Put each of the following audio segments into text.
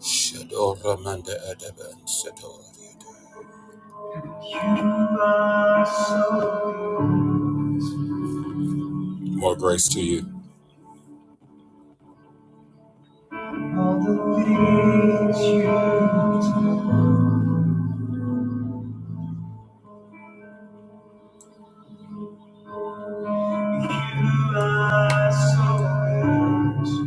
Shadoramanda Adaban Shadoriada. so More grace to you. All so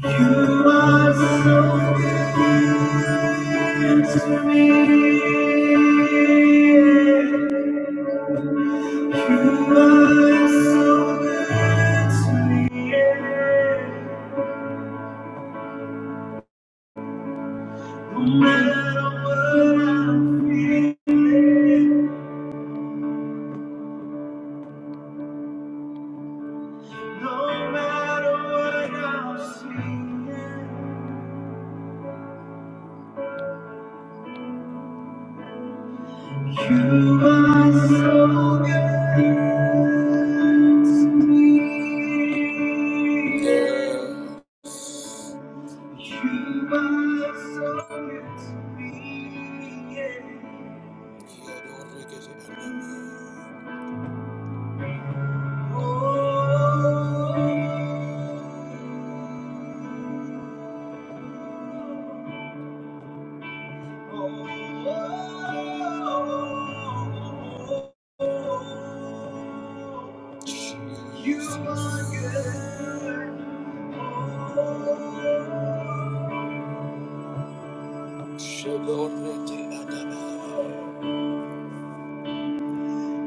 You are so good to me. You are so good to me. No matter what I'm feeling, no matter what I'm seeing, you are so good to me. You are so good. to me. yeah. Oh, oh, oh, oh. Oh, You are Shalorete oh.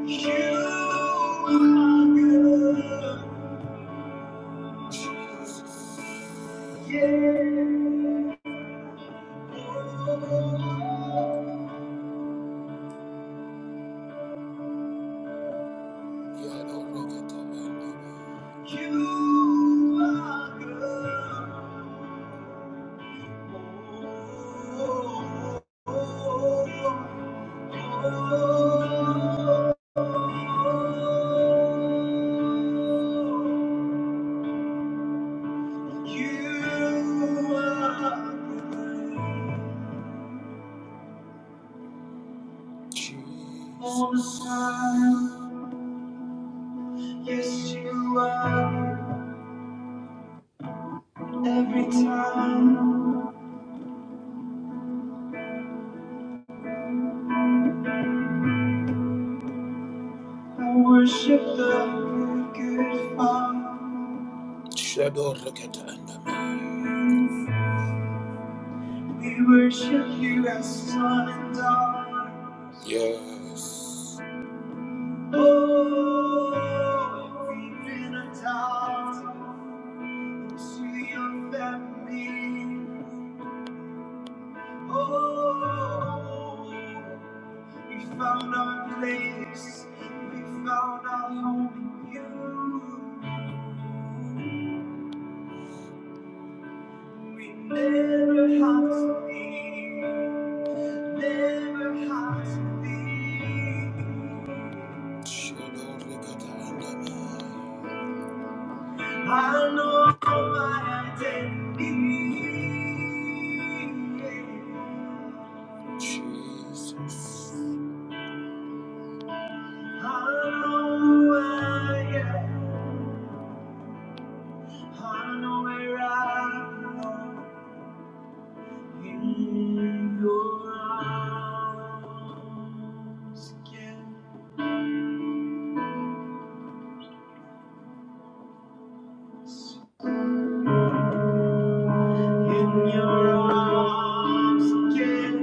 You are good. Yes, you are every time. I worship the good Father. Shadow Rakata We worship you as son and daughter. Yes. Oh, we've been adopted to your family. Oh, we found our place. We found our home in you. We never have to leave, never have to leave. I know my identity. Jesus. I know who I am. I know where I belong. In your arms again. In your arms again,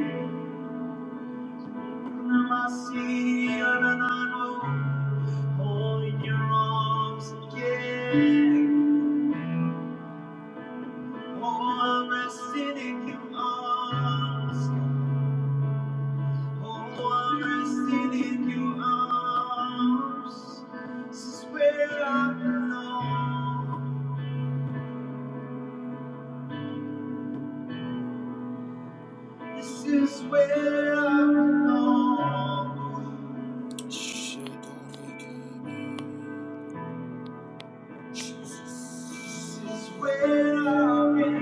Oh, in your arms again, oh, I'm resting in your arms. Oh, I'm resting in your arms. This is where I belong. This is where I belong. This is where I belong. This is where I belong.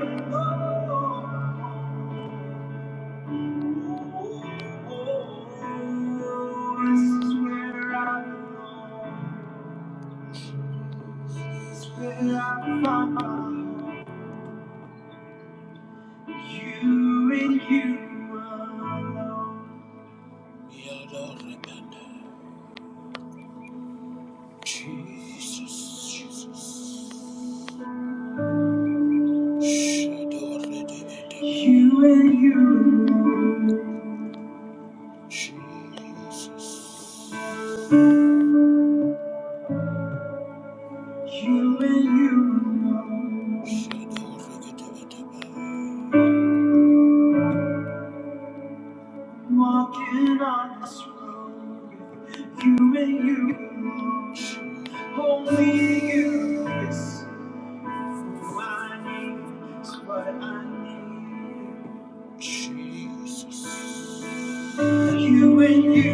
This is where I find you and you alone. You're the remedy. Jesus, Jesus. You and you alone. Jesus. You and you alone. Walking on this road. You and you alone. Only you is who I need. It's what I need. Jesus. You and you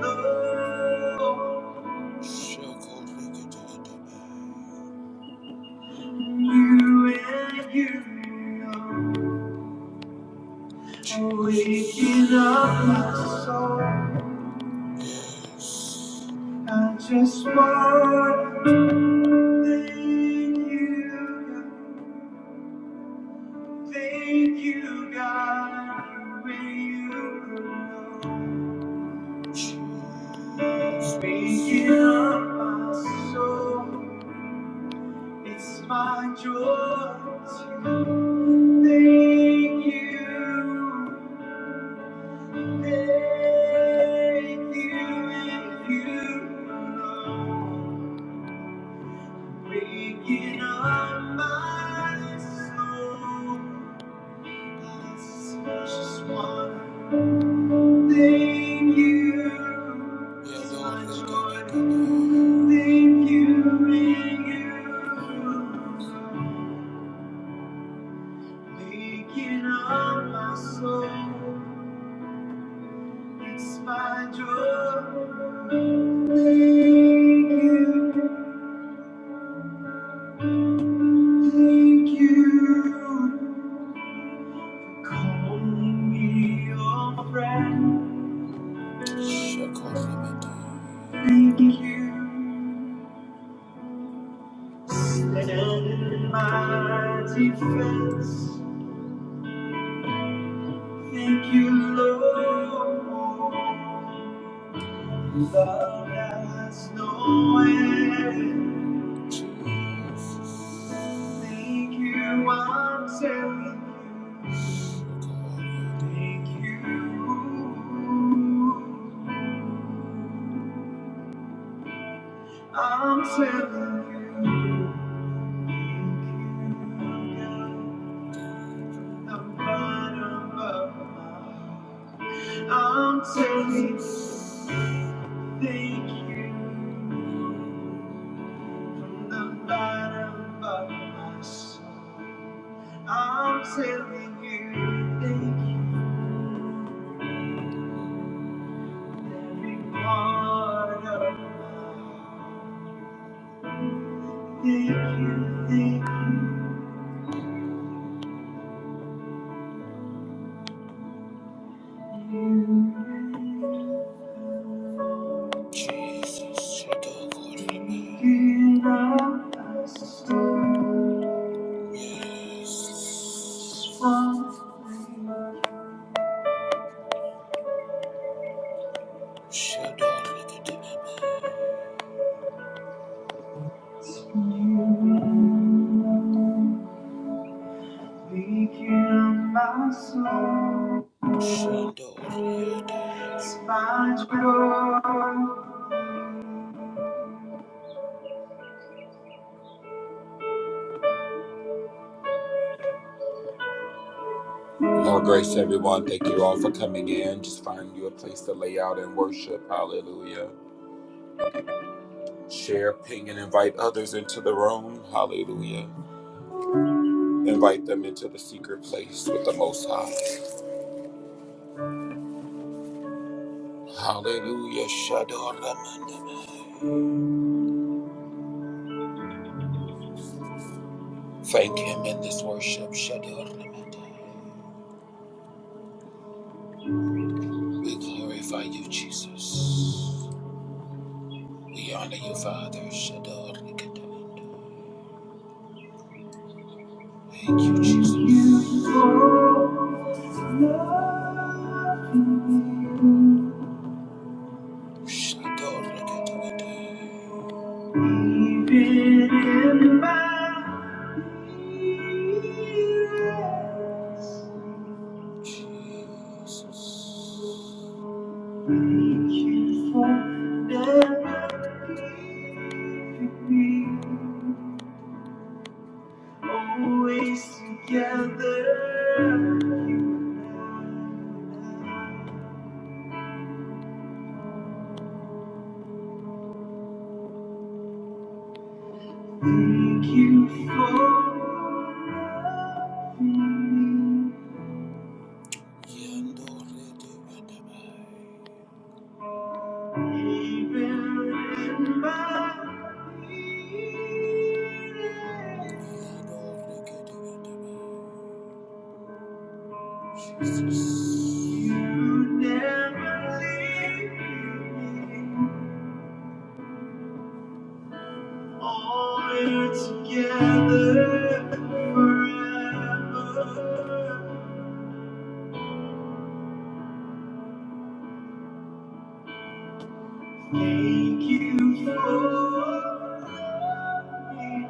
alone. You and you alone. Waking up my soul. I just want to thank you. Thank you, God. You and you alone. Waking up my soul. It's my joy to thank you. Thank you if you know. Waking up my soul. I just one thank you. Yeah, It's my joy to Thank you. in you. Waking up my soul, it's my joy. Thank you, thank you. Call me your friend. Thank you. Stand in my defense. Thank you, Lord. Love has no end. Thank you, I'm telling you. Thank you. I'm telling you. Thank you, God. The bottom of my heart. I'm telling you. Thank you. From the bottom of my soul. I'm telling you, thank you, part of Thank you, thank you. Jesus, you do good for me. You love us so. Yes. Wonderful. You do good for me. Weaken my soul. More grace, everyone. Thank you all for coming in. Just find you a place to lay out and worship. Hallelujah. Share, ping, and invite others into the room. Hallelujah. Invite them into the secret place with the Most High. Hallelujah. Shadoramandamai. Thank Him in this worship. Shadoramandai. We glorify you, Jesus. We honor you, Father. Shador Rikadamando. Thank you, Jesus. Shador Rikadamando. Jesus. Always together. Thank you for loving me. Even in my you never leave me. All together forever. Thank you for me.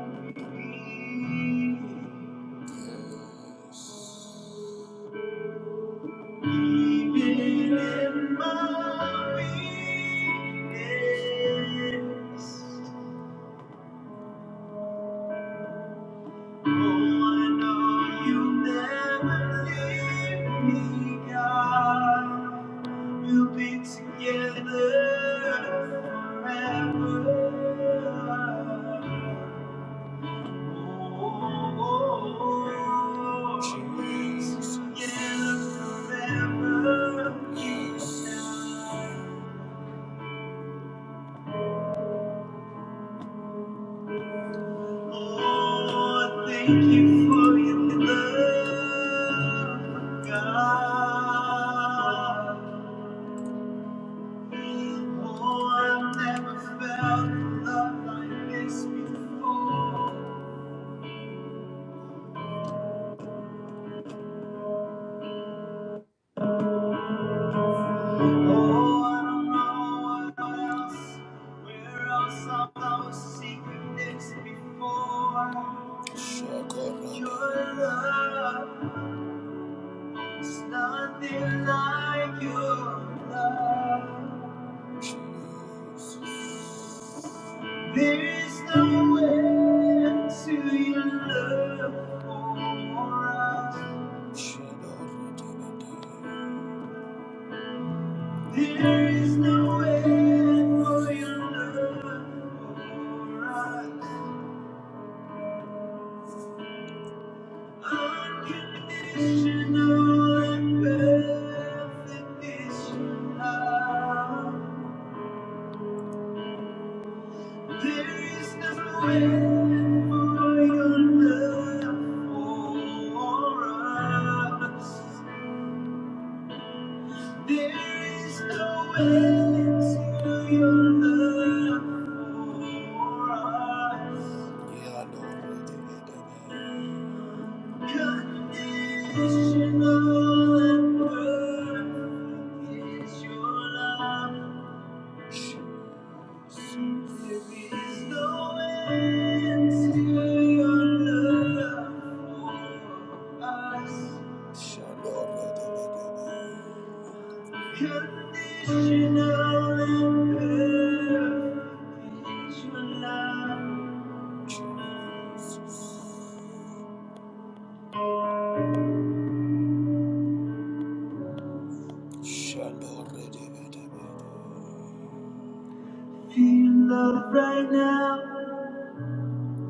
Even in my weakness. Oh, I know you'll never leave me, God. We'll be together forever. Oh, Jesus. Together forever. Yes. Oh, thank you for your love, God. Oh, I've never felt love like this before. Oh, I don't know what else, where else I've ever seen this before. Your love. It's nothing like your love. There's no end to your love for us. There is no end for your love for us. Unconditional and perfect is your love. There's no end for your love for us. There's no end to your love for us. Yeah, I know. Unconditional and perfect is your love. Feel love right now,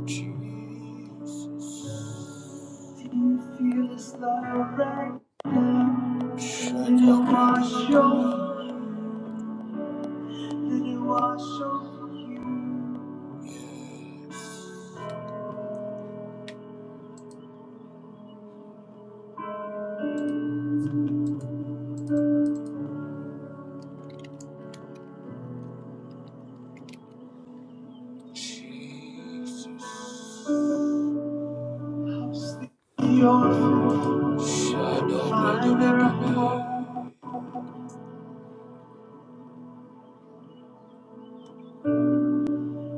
Jesus. If you feel this love right now, let it wash over, let it wash over you. Help steady your flow, find the right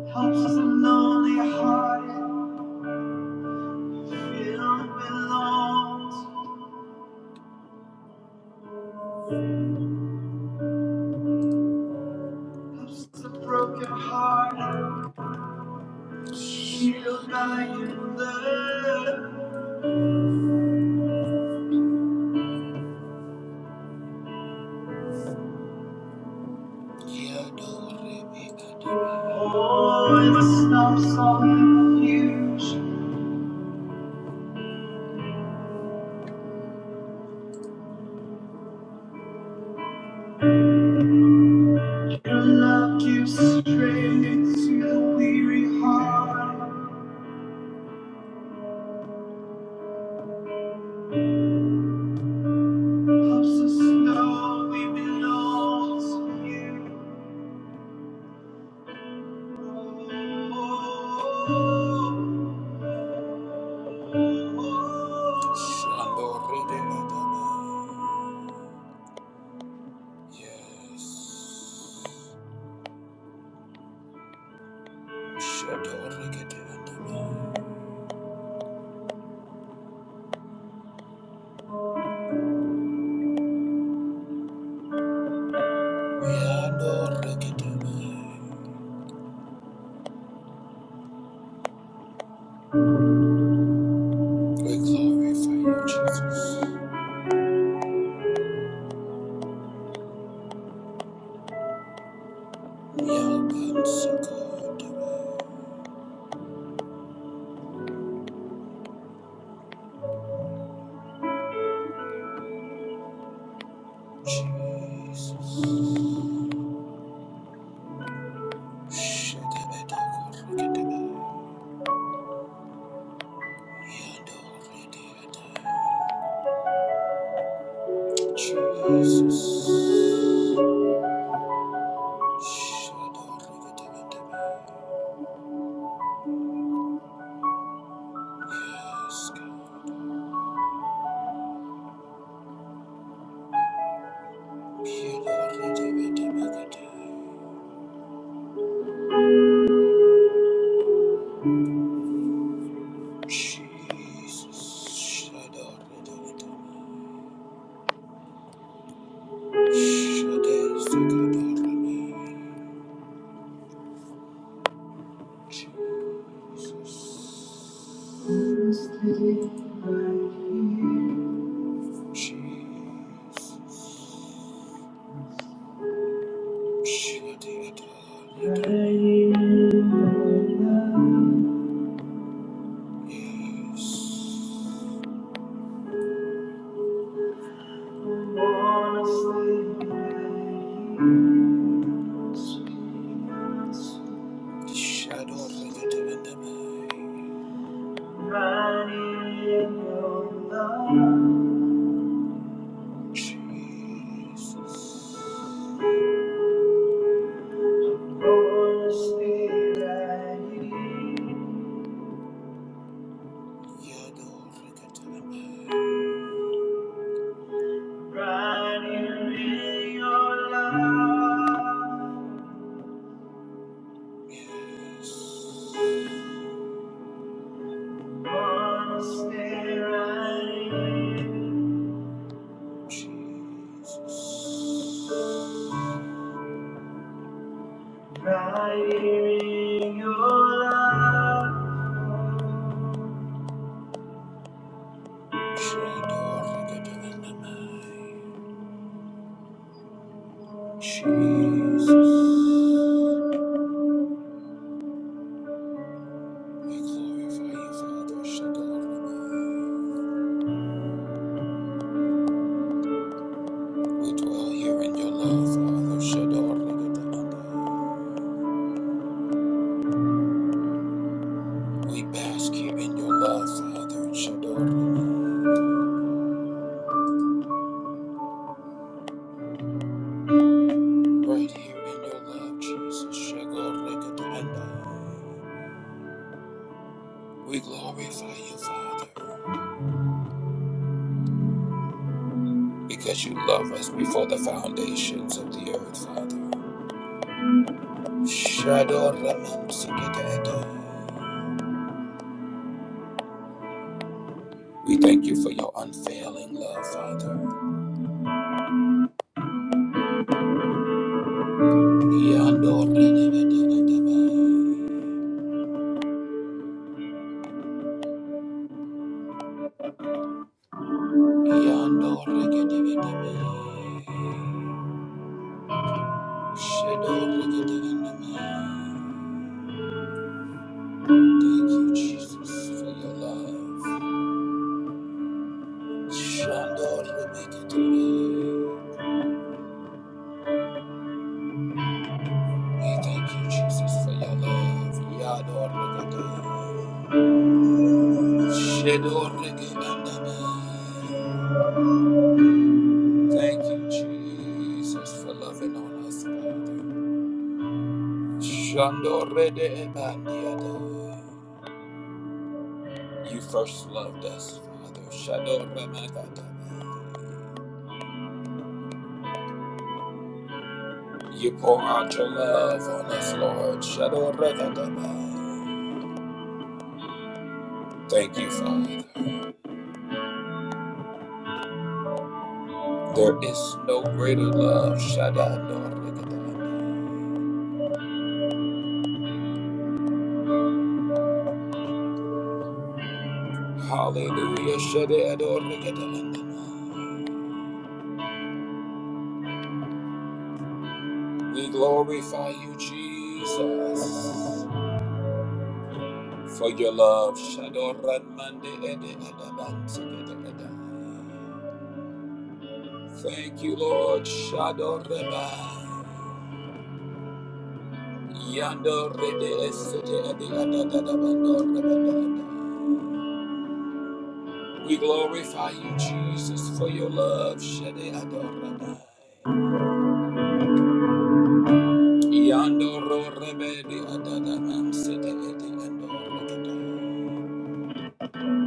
Helps the lonely hearted feel belongs. Helps the broken hearted healed by your love. Oh, it stops all confusion. Your love gives strength to the weary heart. Helps us know we belong to you. Shandorigadaba. Yes. Shandorigadaba. We adore you. We glorify you, Jesus. We are born so good, Jesus. Shakabadakorakadaba. We adore you, Jesus. Shadorakadabadaba. Yes, God. We adore you, Jesus. Shadorakadabadaba. Shadow of the Jesus. Lord, Yado Rekatanaba. Yes. Lord, still I need. Jesus. running in Your love. Jesus, we glorify you, Father. Shadorlabai. We dwell here in your love, Father. Shadorlabai. We bask here in your love, Father. Shadorlabai. Right here in your love, Jesus. Shadorlabai. We glorify you, Father, because you love us before the foundations of the earth, Father. Shadow Ramon Sikitato. We thank you for your unfailing love, Father. Yando Rededededebe. Yando Regedededebe. Shadow Regedededebe. Thank you, Jesus, for your love. Shando Rebeketebe. We thank you, Jesus, for your love. Yado Regededebe. Thank you, Jesus, for loving on us, Father. You first loved us, Father. You pour out your love on us, Lord. Thank you, Father. There is no greater love. Hallelujah. We glorify you, Jesus, for your love. Thank you, Lord. We glorify you, Jesus, for your love. Shade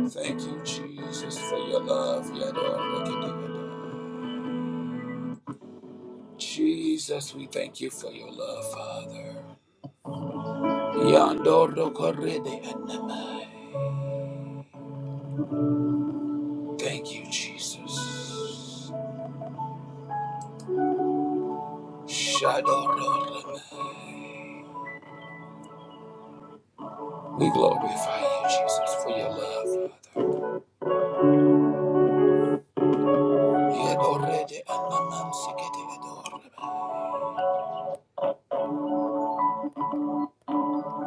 Thank you, Jesus, for your love. Yadorokidiyada. Jesus, we thank you for your love, Father. Thank you, Jesus. We glorify you, Jesus, for your love, Father.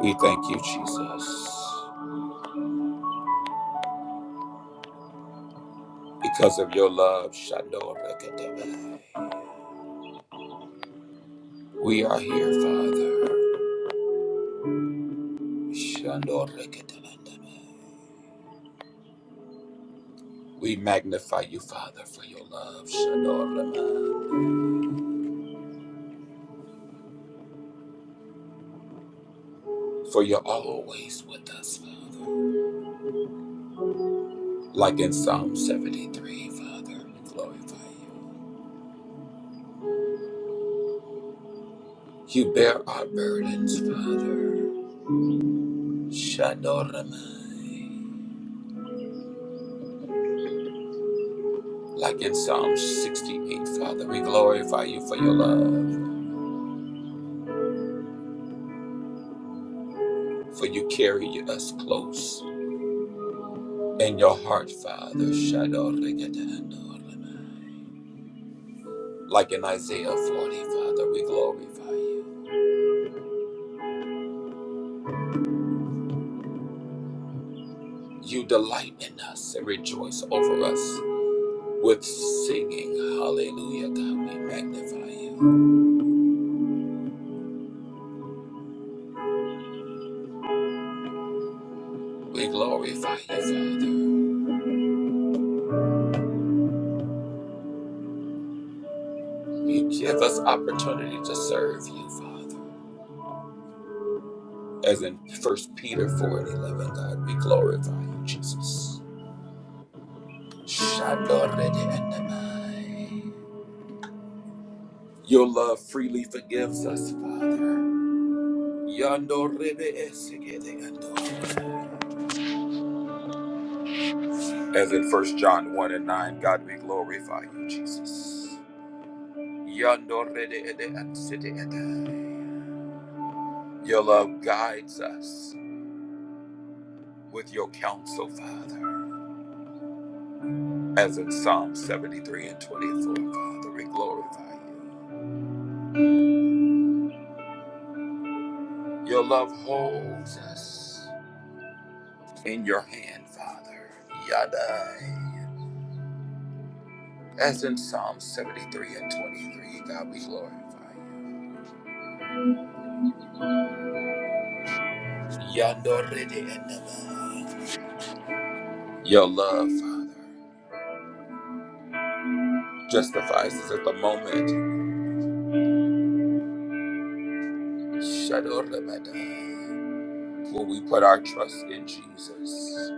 We thank you, Jesus, because of your love. Shadorakidiyadai. We are here, Father. Shandoreketelendeme. We magnify you, Father, for your love, Shandoreman. for you're always with us, Father. Like in Psalm 73, Father, we glorify you. You bear our burdens, Father. Shandoreman. Like in Psalm 68, Father, we glorify you for your love, for you carry us close in your heart, Father. Shandoreketelendeme. Like in Isaiah 40, Father, we glorify you. You delight in us and rejoice over us with singing. Hallelujah, God, we magnify you. We glorify you, Father. You give us opportunity to serve you, Father. As in 1 Peter 4 and 11, God, we glorify you, Jesus. Shadoredeandamai. Your love freely forgives us, Father. Yandorebeesegedeandamai. As in First John 1 and 9, God, we glorify you, Jesus. Your love guides us with your counsel, Father. As in Psalm 73 and 24, Father, we glorify you. Your love holds us in your hand, Father. Yadai. As in Psalm 73 and 23, God, we glorify you. yandor re Your love, Father. justifies us at the moment. Shadoramada. When we put our trust in Jesus,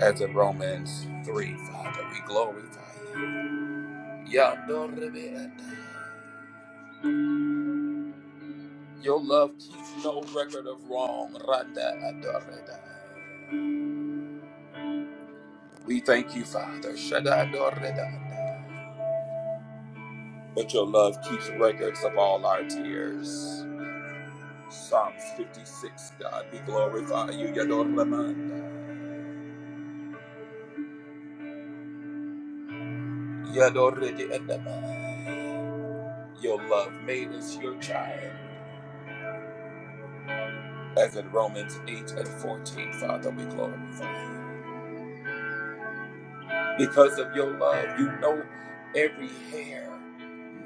as in Romans 3, Father, we glorify you. Yadoramada. Your love keeps no record of wrong. Randa adorada. We thank you, Father. Shadadoradada. But your love keeps records of all our tears. Psalms 56, God, we glorify you. Yadoramada. Yadoradadada. Your love made us your child. As in Romans 8 and 14, Father, we glorify. you. Because of your love, you know every hair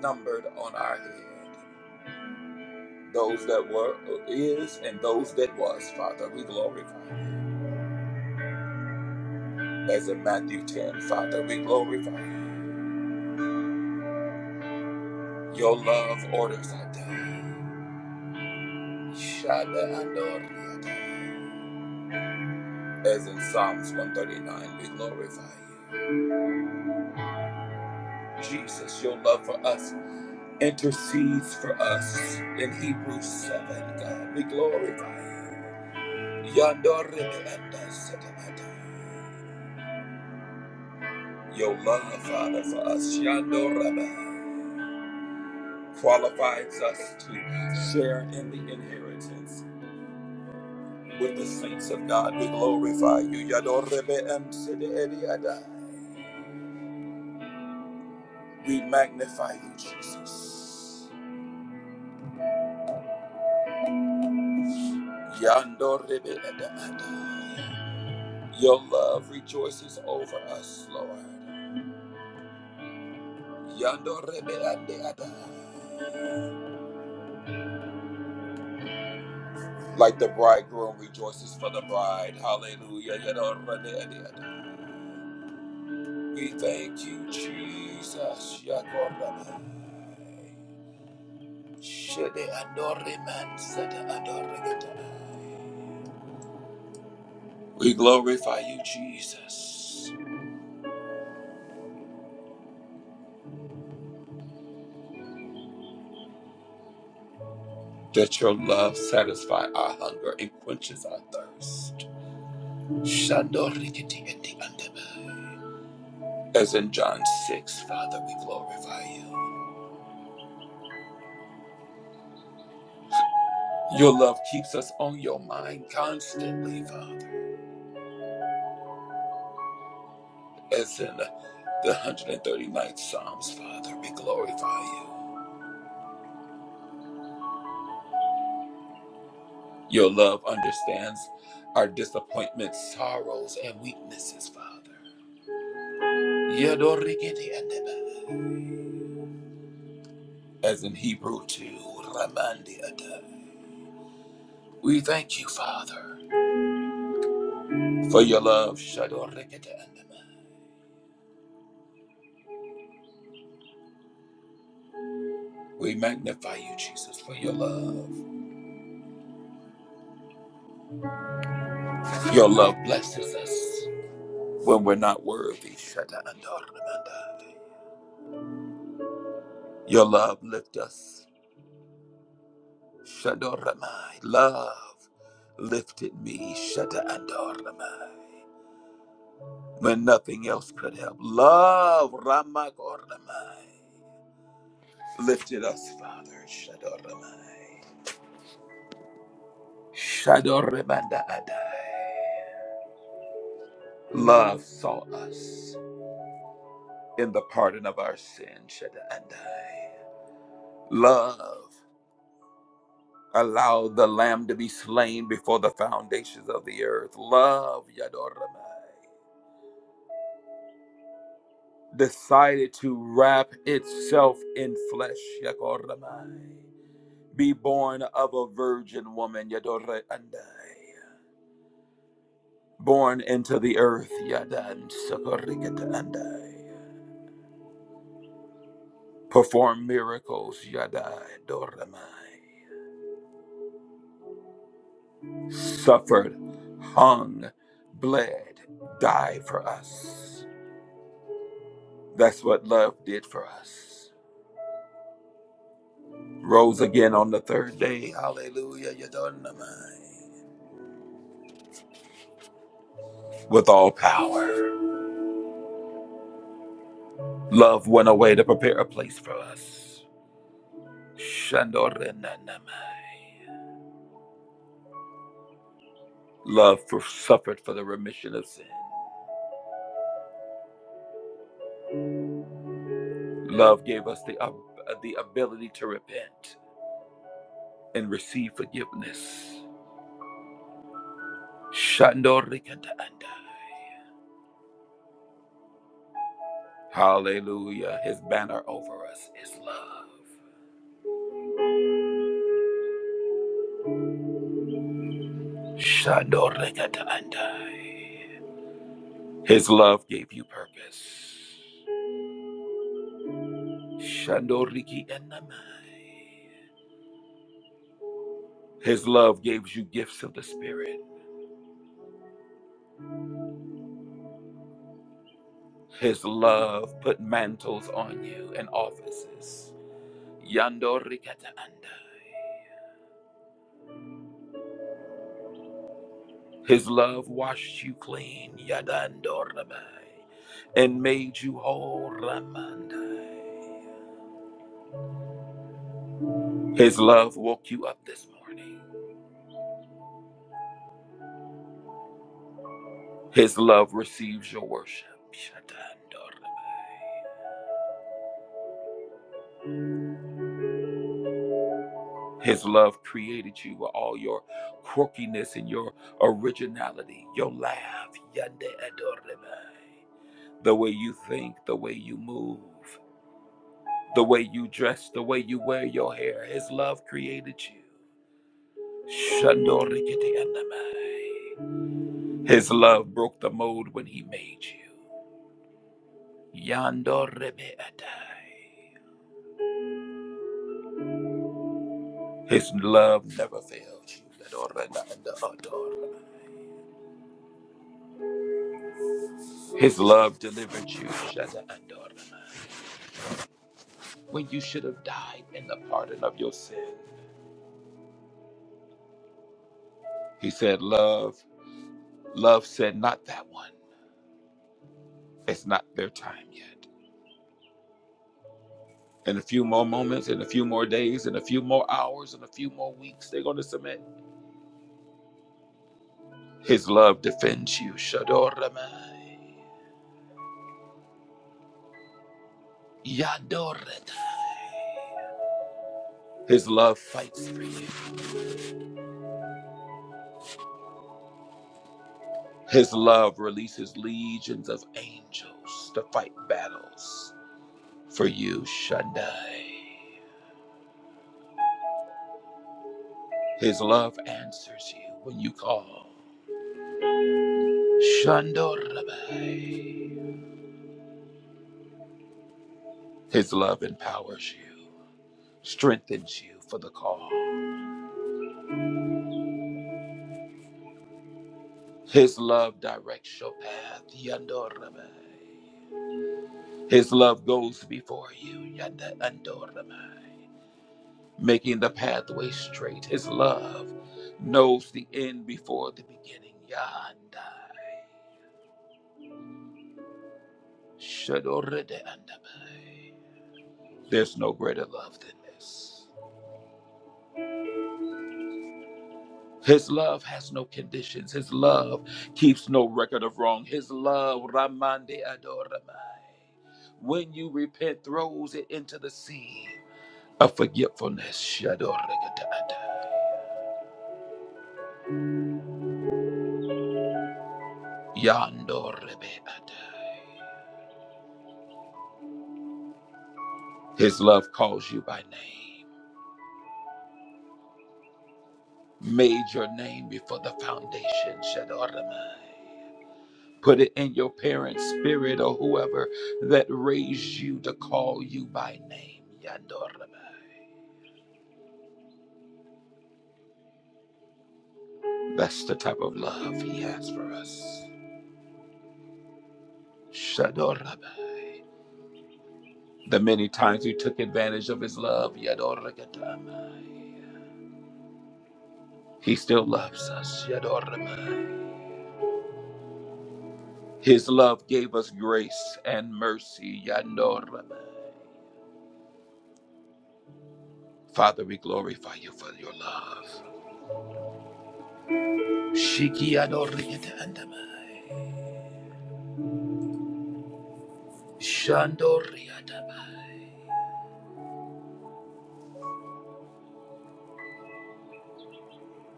numbered on our head. Those that were, is, and those that was, Father, we glorify. you. As in Matthew 10, Father, we glorify. you. Your love orders our day. Shada Ador. As in Psalms 139, we glorify you. Jesus, your love for us intercedes for us in Hebrews 7. God, we glorify you. Yando Rebelanda Setamata. Your love, Father, for us, Yando Rabba, qualifies us to share in the inheritance with the saints of God. We glorify you. Yando Rebe Em Sede Edi Ada. We magnify you, Jesus. Yando Rebe Eda Ada. Your love rejoices over us, Lord. Like the bridegroom rejoices for the bride. Hallelujah. We thank you, Jesus. We glorify you, Jesus, that your love satisfies our hunger and quenches our thirst. As in John 6, Father, we glorify you. Your love keeps us on your mind constantly, Father. As in the 139th Psalms, Father, we glorify you. Your love understands our disappointments, sorrows, and weaknesses, Father. Yadorigidi andaba. As in Hebrew 2, Ramandi ada. We thank you, Father, for your love. Shadorigidi andaba. We magnify you, Jesus, for your love. Your love blesses us. when we're not worthy. Shadadoramandai. Your love lift us. Shadoramai. Love lifted me. Shadadoramai. When nothing else could help. Love Ramagoramai. Lifted us, Father. Shadoramai. Shadoramandai. Love saw us in the pardon of our sin. Shadandai. Love. Allow the lamb to be slain before the foundations of the earth. Love, Yadoramai, decided to wrap itself in flesh, Yadoramai. Be born of a virgin woman, Yadore Andai. Born into the earth, Yadan Sakorikata Andai. Perform miracles, Yadai Doramai. Suffered, hung, bled, died for us. That's what love did for us. rose again on the third day. Hallelujah. You don't know mine. With all power. Love went away to prepare a place for us. Shandorenanamai. Love for, suffered for the remission of sin. Love gave us the, ab- the ability to repent and receive forgiveness. Shandorikataanda. Hallelujah. His banner over us is love. Shandorikataanda. His love gave you purpose. Shandoriki enamai. His love gives you gifts of the Spirit. His love put mantles on you and offices. Yandorikata andai. His love washed you clean. Yadandorabai. And made you whole. Ramandai. His love woke you up this morning. His love receives your worship. Shatandorabai. His love created you with all your quirkiness and your originality, your laugh, yande adorable. the way you think, the way you move, the way you dress, the way you wear your hair. His love created you. Shandorikiti andamai. His love broke the mold when he made you. Yandorebe atai. His love never failed you. His love delivered you. Shada Andorebe. when you should have died in the pardon of your sin. He said, Love, love said, Not that one. It's not their time yet. In a few more moments, in a few more days, in a few more hours, in a few more weeks, they're going to submit. His love defends you. Shadoramai. Yadoratai. His love fights for you. His love releases legions of angels to fight battles for you, Shaddai. His love answers you when you call. Shandorabai. His love empowers you, strengthens you for the call. His love directs your path. Yandorabai. His love goes before you. Yanda Andorabai. Making the pathway straight. His love knows the end before the beginning. Yandai. Shadorede Andabai. There's no greater love than this. His love has no conditions. His love keeps no record of wrong. His love, Ramande Adoramai, when you repent, throws it into the sea of forgetfulness. Shadoregadada, Yandorebeadai. His love calls you by name, made your name before the foundation. Shadoramai. Put it in your parents' spirit or whoever that raised you to call you by name. Yandoramai. That's the type of love he has for us. Shadoraba. The many times we took advantage of his love, Yadoragadamai. he still loves us. Yadoramai. His love gave us grace and mercy. Yadoramai. Father, we glorify you for your love. Shiki Yadoragadandamai. Shandoriadamai.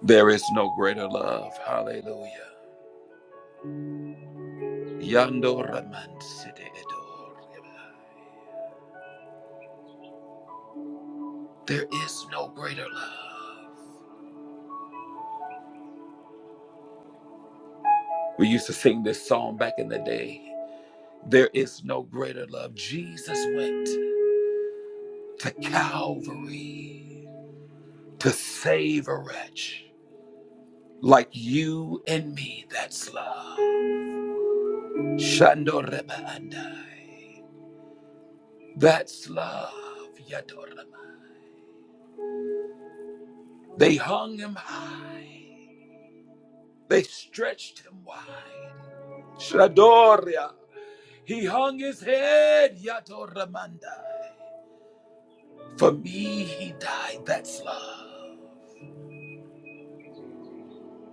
There is no greater love. Hallelujah. Yando Raman Sidi Edor. There is no greater love. We used to sing this song back in the day. There is no greater love. Jesus went to Calvary to save a wretch like you and me. That's love. Shando Rebandai. That's love. Yado Raman. They hung him high. They stretched him wide. Shadoria. He hung his head, Yatoramandai. For me, he died. That's love.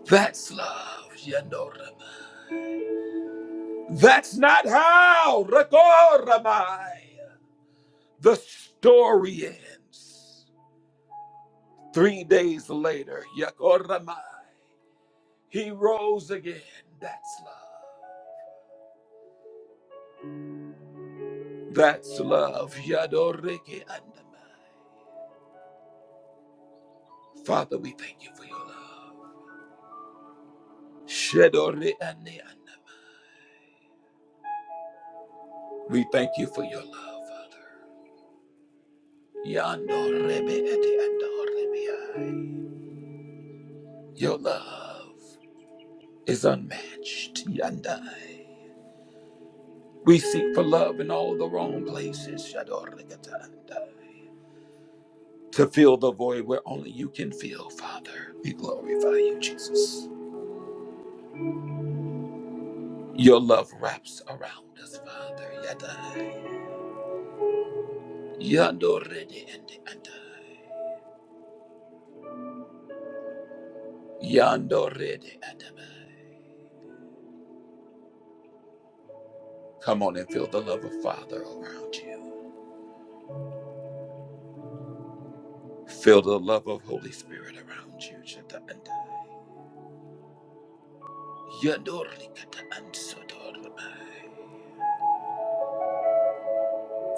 That's love, Yanoramai. That's not how, Rakoramai. The story ends. Three days later, Yakoramai, he rose again. That's love. That's love, Yadoreke Andamai. Father, we thank you for your love. Shedore Ane Andamai. We thank you for your love, Father. Your love is unmatched, Yandai. We seek for love in all the wrong places, To fill the void where only you can fill, Father. We glorify you, Jesus. Your love wraps around us, Father, Yadai. Yando rede andai. Yando rede andai. Come on and feel the love of Father around you. Feel the love of Holy Spirit around you. Shatandai. Yadorlikataansodoramai.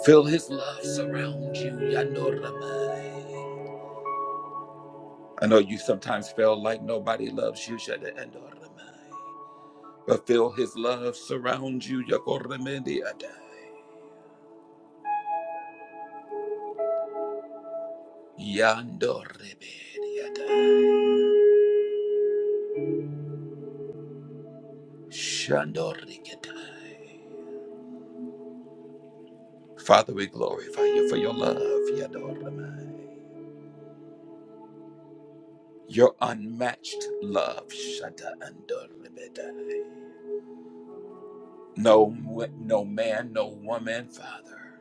Feel his love surround you. I know you sometimes feel like nobody loves you. But feel his love surround you. Father, we glorify you for your love. Your unmatched love, Shada Andorbeda. No, no man, no woman, Father,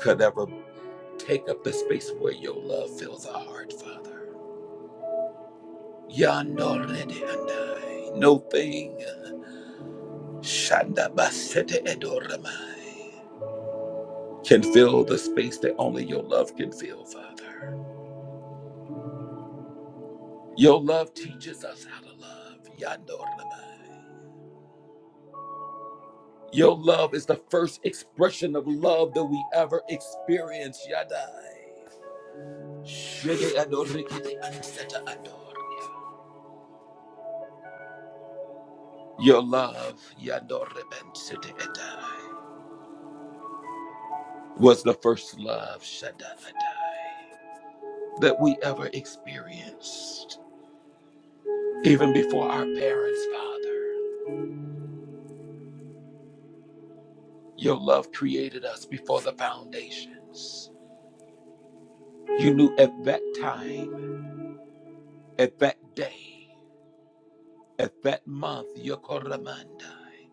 could ever take up the space where your love fills our heart, Father. Yandorede Andai. No thing, Shanda Basete Edoramai, can fill the space that only your love can fill, Father. Your love teaches us how to love, Yandoramai. Your love is the first expression of love that we ever experience. Yadai. Shede adorikite anseta adoria. Your love, Yadorebensete Edai, was the first love, Shada Adai, that we ever experienced. Even before our parents, Father, your love created us before the foundations. You knew at that time, at that day, at that month, Yokoramandai.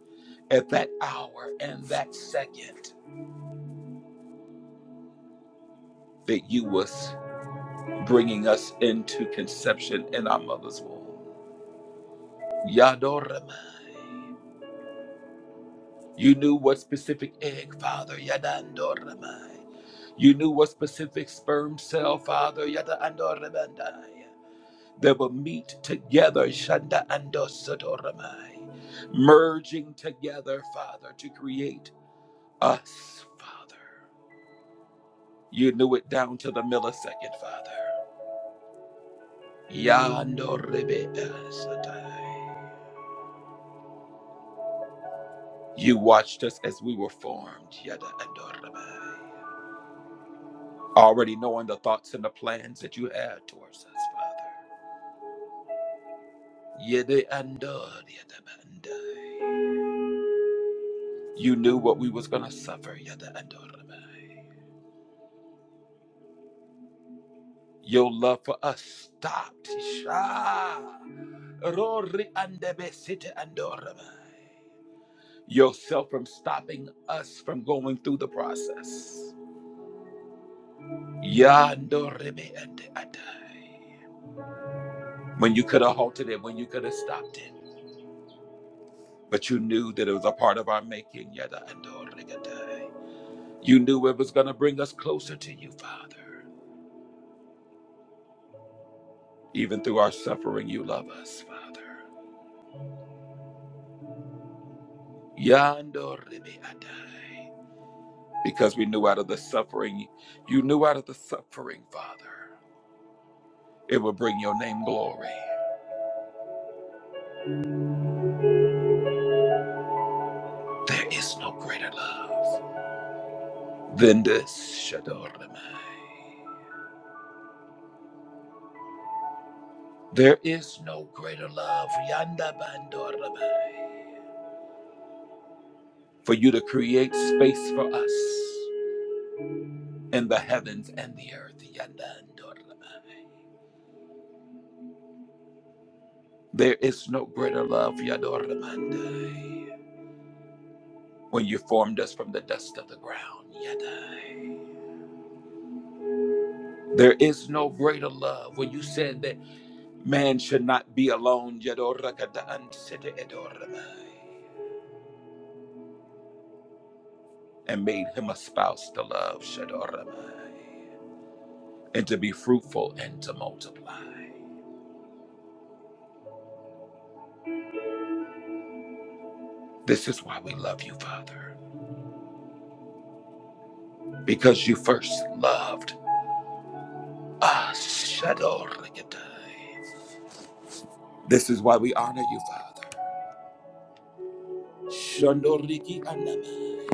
at that hour and that second that you was bringing us into conception in our mother's womb. Yadoramai. You knew what specific egg, Father. Yadandoramai. You knew what specific sperm cell, Father. Yadandoramandai. That will meet together, Shanda Andosodoramai. Merging together, Father, to create us, Father. You knew it down to the millisecond, Father. Yando rebe el Shaddai. You watched us as we were formed, Yada Andorabai. Already knowing the thoughts and the plans that you had towards us, Father. Yede Andor Yada Bandai. You knew what we was gonna suffer, Yada Andorabai. Your love for us stopped. Shah. rori Andebe Sita Andorabai. Yourself from stopping us from going through the process. When you could have halted it, when you could have stopped it, but you knew that it was a part of our making. You knew it was going to bring us closer to you, Father. Even through our suffering, you love us, Father. Because we knew out of the suffering, you knew out of the suffering, Father, it would bring your name glory. There is no greater love than this, There is no greater love yanda bandoraba, for you to create space for us in the heavens and the earth. yanda andoraba. There is no greater love yadoramandai, when you formed us from the dust of the ground. yadai. There is no greater love when you said that man should not be alone yadorakadaansete edoramai, and made him a spouse to love. shadoramai. and to be fruitful and to multiply. This is why we love you, Father, because you first loved us. Shadorikidai. This is why we honor you, Father. Shandoriki anamai.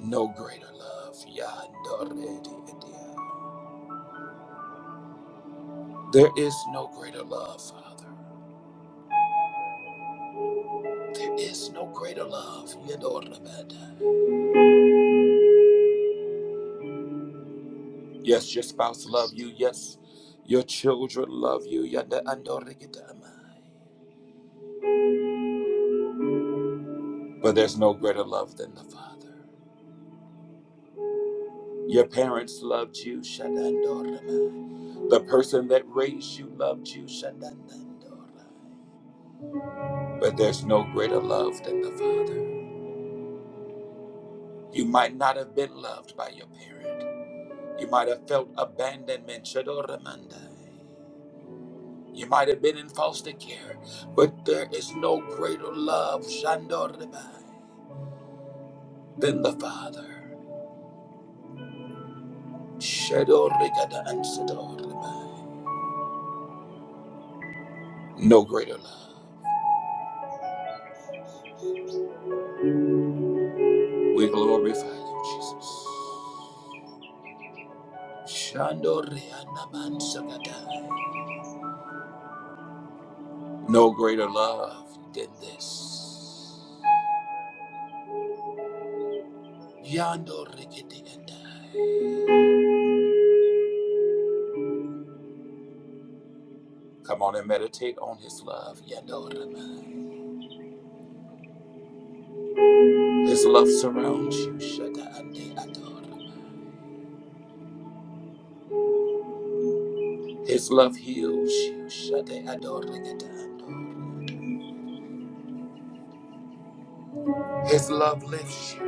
No greater love. Yandorididia. There is no greater love, Father. There is no greater love. Yadorabadai. Yes, your spouse love you. Yes, your children love you. Yada amai. But there's no greater love than the Father. Your parents loved you, Shadandorama. The person that raised you loved you, Shandandandora. But there's no greater love than the Father. You might not have been loved by your parent. You might have felt abandonment, Shadoramandai. You might have been in foster care, but there is no greater love, Shandorabai, than the Father. Shadorikada and Sadorribai. No greater love. We glorify you, Jesus. No greater love than this. Come on and meditate on his love. His love surrounds you. His love heals you. His love lifts you.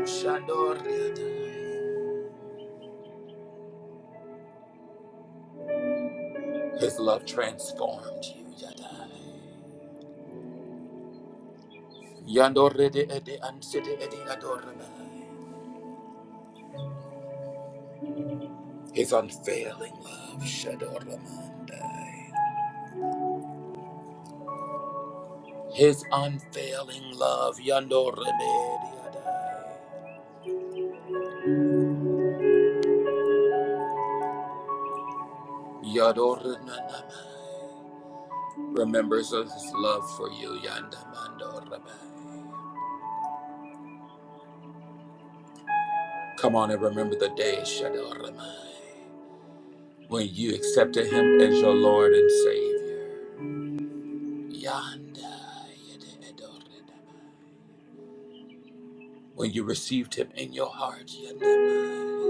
His love transformed you. Yandore de ede ansede ede adoramai. His unfailing love, Shadoramandai. His unfailing love, Yandore de Yadorananamai. Remembers his love for you, Yandamandoramai. Come on and remember the day, Shadoramai, when you accepted him as your Lord and Savior. Yanda Yede Adoranamai. When you received him in your heart, Yandamai.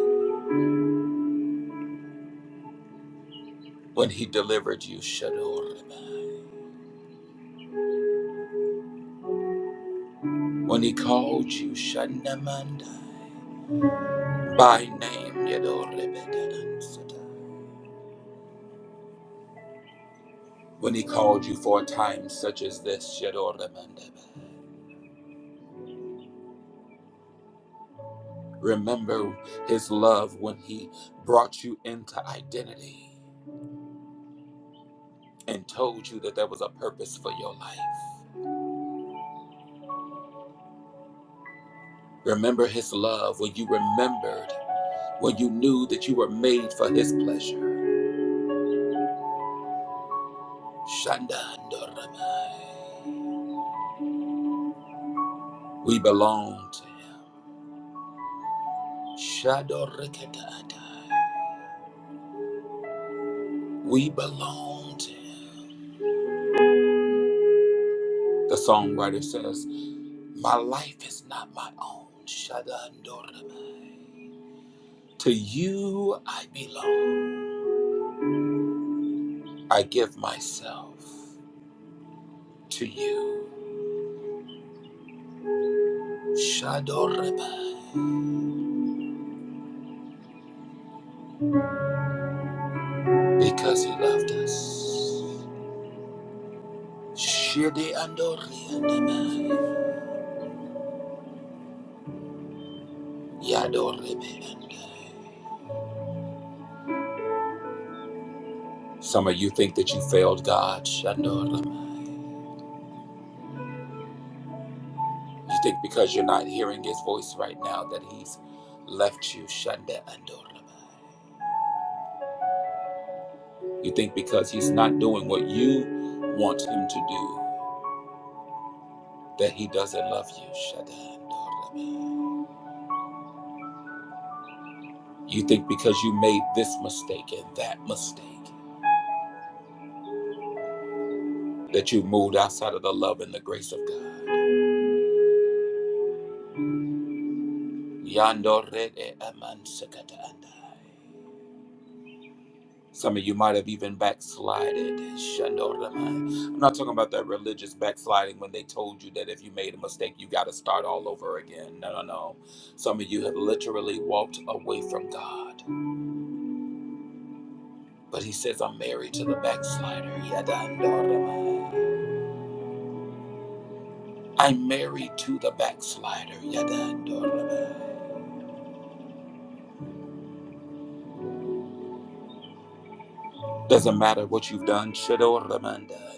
When he delivered you, Shadorabai. When he called you, Shandamanda. By name, Yadorabedansata. When he called you for a time such as this, Shadoramandabai. Remember his love when he brought you into identity and told you that there was a purpose for your life. Remember his love when you remembered, when you knew that you were made for his pleasure. Shandandoramai. We belong to him. Shadow Rikadada. We belong to him. The songwriter says, My life is not my own. Shadandorama. To you I belong. I give myself to you. Shadorama. Because he loved us. Shidi Andoriandama. Yadorebe Andai. Some of you think that you failed God. Shadorame. You think because you're not hearing his voice right now that he's left you Shanda Andoraba. You think because he's not doing what you want him to do that he doesn't love you Shanda Andoraba. You think because you made this mistake and that mistake that you moved outside of the love and the grace of God. Yandorede Amansakata Andai. Some of you might have even backslided. Shandoramai. I'm not talking about that religious backsliding when they told you that if you made a mistake, you got to start all over again. No, no, no. Some of you have literally walked away from God. But He says, I'm married to the backslider. Yadandoramai. I'm married to the backslider. Yadandoramai. Doesn't matter what you've done. Shadoramandai.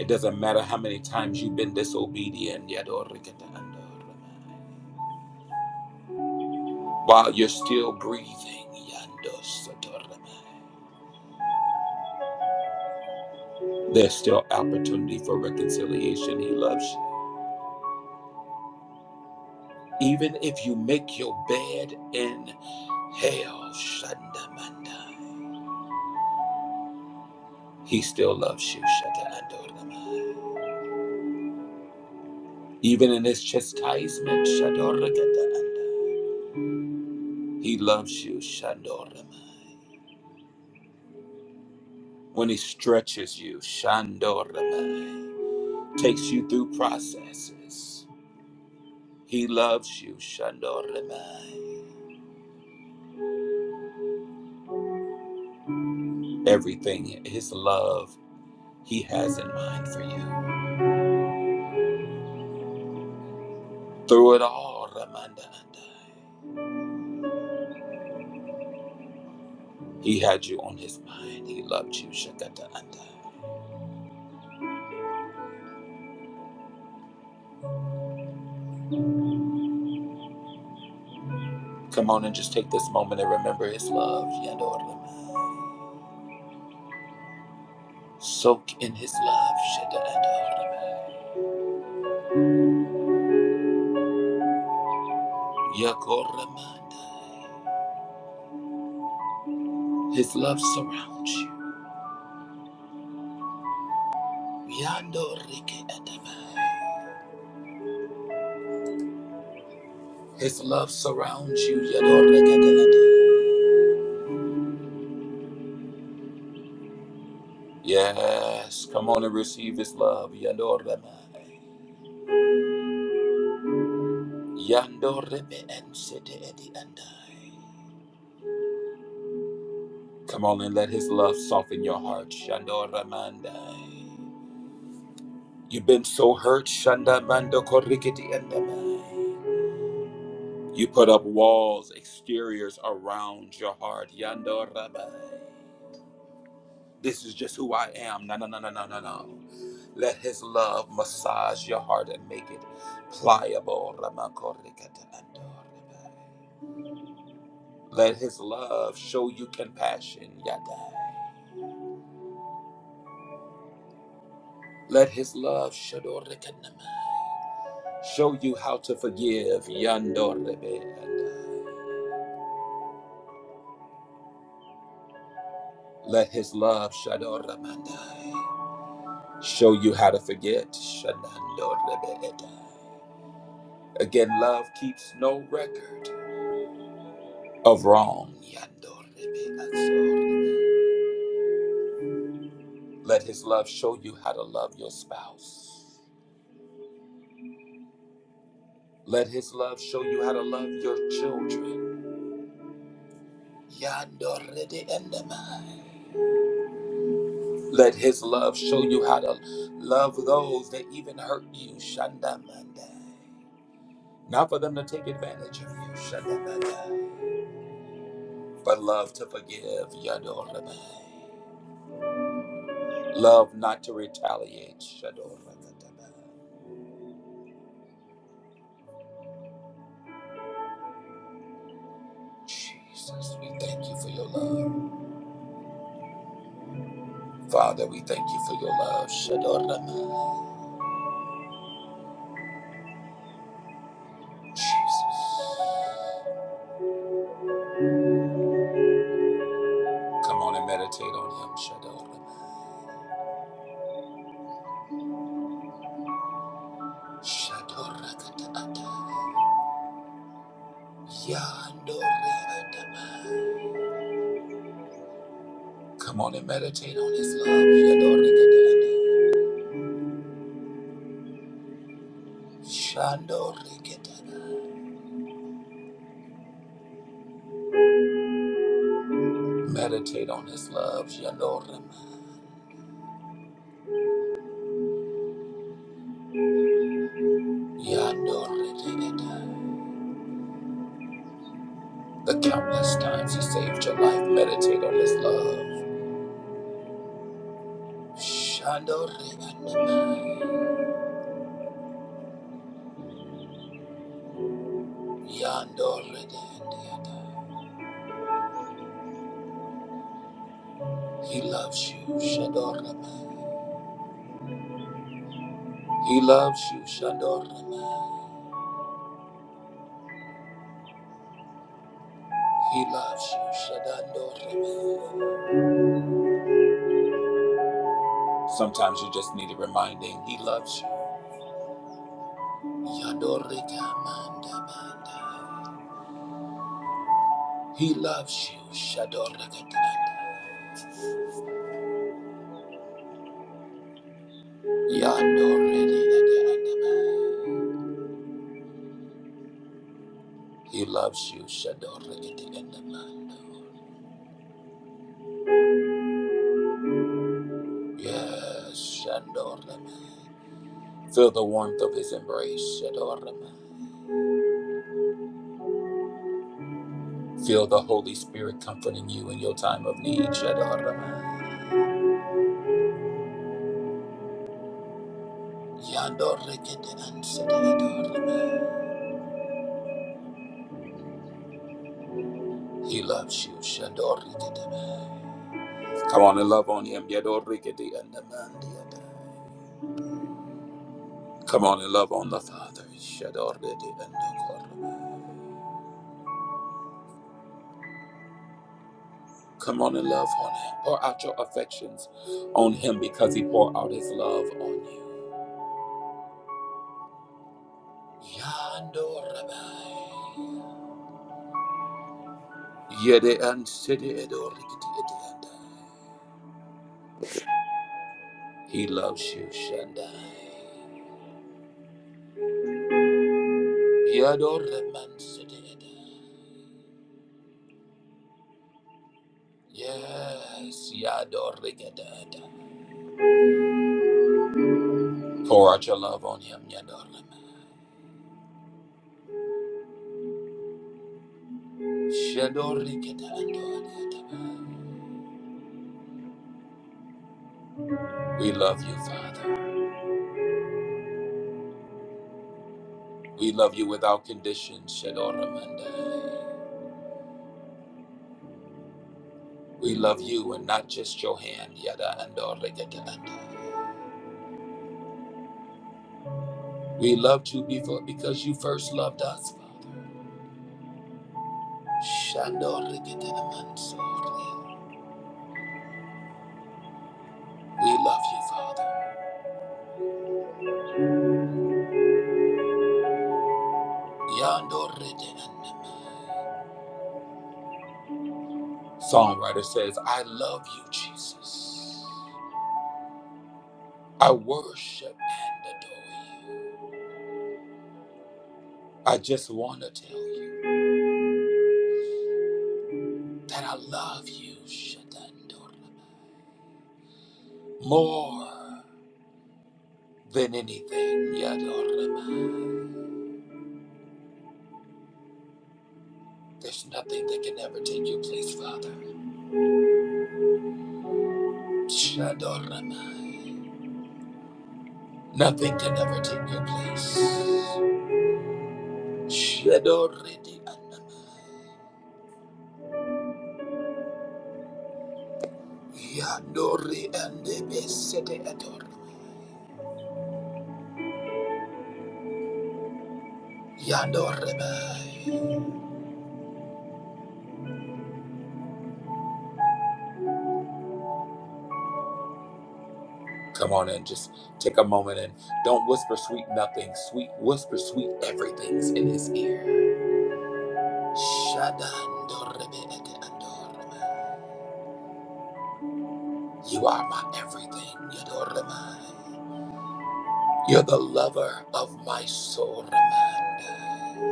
It doesn't matter how many times you've been disobedient. Yadorikataandoramai. While you're still breathing, Yando there's still opportunity for reconciliation. He loves you. Even if you make your bed in hell, Shandamanda, he still loves you. Shataandorama. Even in his chastisement, Shadorakataanda, he loves you. Shandoramai. When he stretches you, Shandoramai, takes you through processes, he loves you. Shandoramai. everything his love he has in mind for you through it all ramanda andai. he had you on his mind he loved you shakata andai. come on and just take this moment and remember his love Yador Ramai. soak in his love Shada Ador Ramai. Yakor Ramandai. his love surrounds you Yador Rike Adamai. his love surrounds you Yador Rike Adamai. yes come on and receive his love Yador Ramai. Yando rebe en edi andai. Come on and let his love soften your heart. Shando ramandai. You've been so hurt. Shanda mando korikiti andamai. You put up walls, exteriors around your heart. Yando rabai. This is just who I am. No, no, no, no, no, no, no. Let his love massage your heart and make it pliable. Ramakorikata ando Let his love show you compassion, Yadai. Let his love shadorekanamai, show you how to forgive, Yandorebe. Let his love shadoramandai, show you how to forget, Shanandorebe. Again, love keeps no record of wrong, Yandorebe. Let his love show you how to love your spouse. Let his love show you how to love your children. Yandorede endema. Let his love show you how to love those that even hurt you. Shandamanda. Not for them to take advantage of you. Shandamanda. But love to forgive. Yadorebe. Love not to retaliate. Shadorakataba. Jesus, we thank you for your love. Father, we thank you for your love. Shadorama. Jesus. Come on and meditate on him. Shadorama. Shadorakatata. Come on and meditate on His love. Meditate on His love. The countless times He saved your life. Meditate on His love. He loves you. He loves you. He loves you. Sometimes you just need a reminding He loves you. Yadorika manda He loves you. Shadorika Yadorika He loves you. Shadorika Yes, Shadorika. Feel the warmth of His embrace. Shadorika. Feel the Holy Spirit comforting you in your time of need. Shadorika. Yadorika He loves you. Shandorikideme. Come on and love on him. Yadorikidi and the Mandiada. Come on and love on the Father. Shadoridi and the Come on and love on him. Pour out your affections on him because he poured out his love on you. Yandorabai. Yede and Sidi Edorikidi Edianda. He loves you, Shandai. Yadoraman Sidi Yes, Yadorikidada. Pour out your love on him, Yadorlama. Shadoriketa andoriataba. We love you, Father. We love you without condition, Shadoramanda. We love you and not just your hand, Yada andoriketa anda. We loved you before because you first loved us, Father. Shadoriketa amansoria. We love you, Father. Yandorite andama. Songwriter says, I love you, Jesus. I worship and adore you. I just want to tell you that I love you, Shatandoraba, more than anything, Yadoraba. There's nothing that can ever take your place, Father. Shadoraba. Nothing can ever take your place. Shadoridi Anama. Yadori and Sete Adoraba. Yadoraba. Come on and just take a moment and don't whisper sweet nothing. Sweet whisper sweet everything's in his ear. Shadandorebeekeandorema. You are my everything, Yadorema. You're the lover of my soul, Ramanda.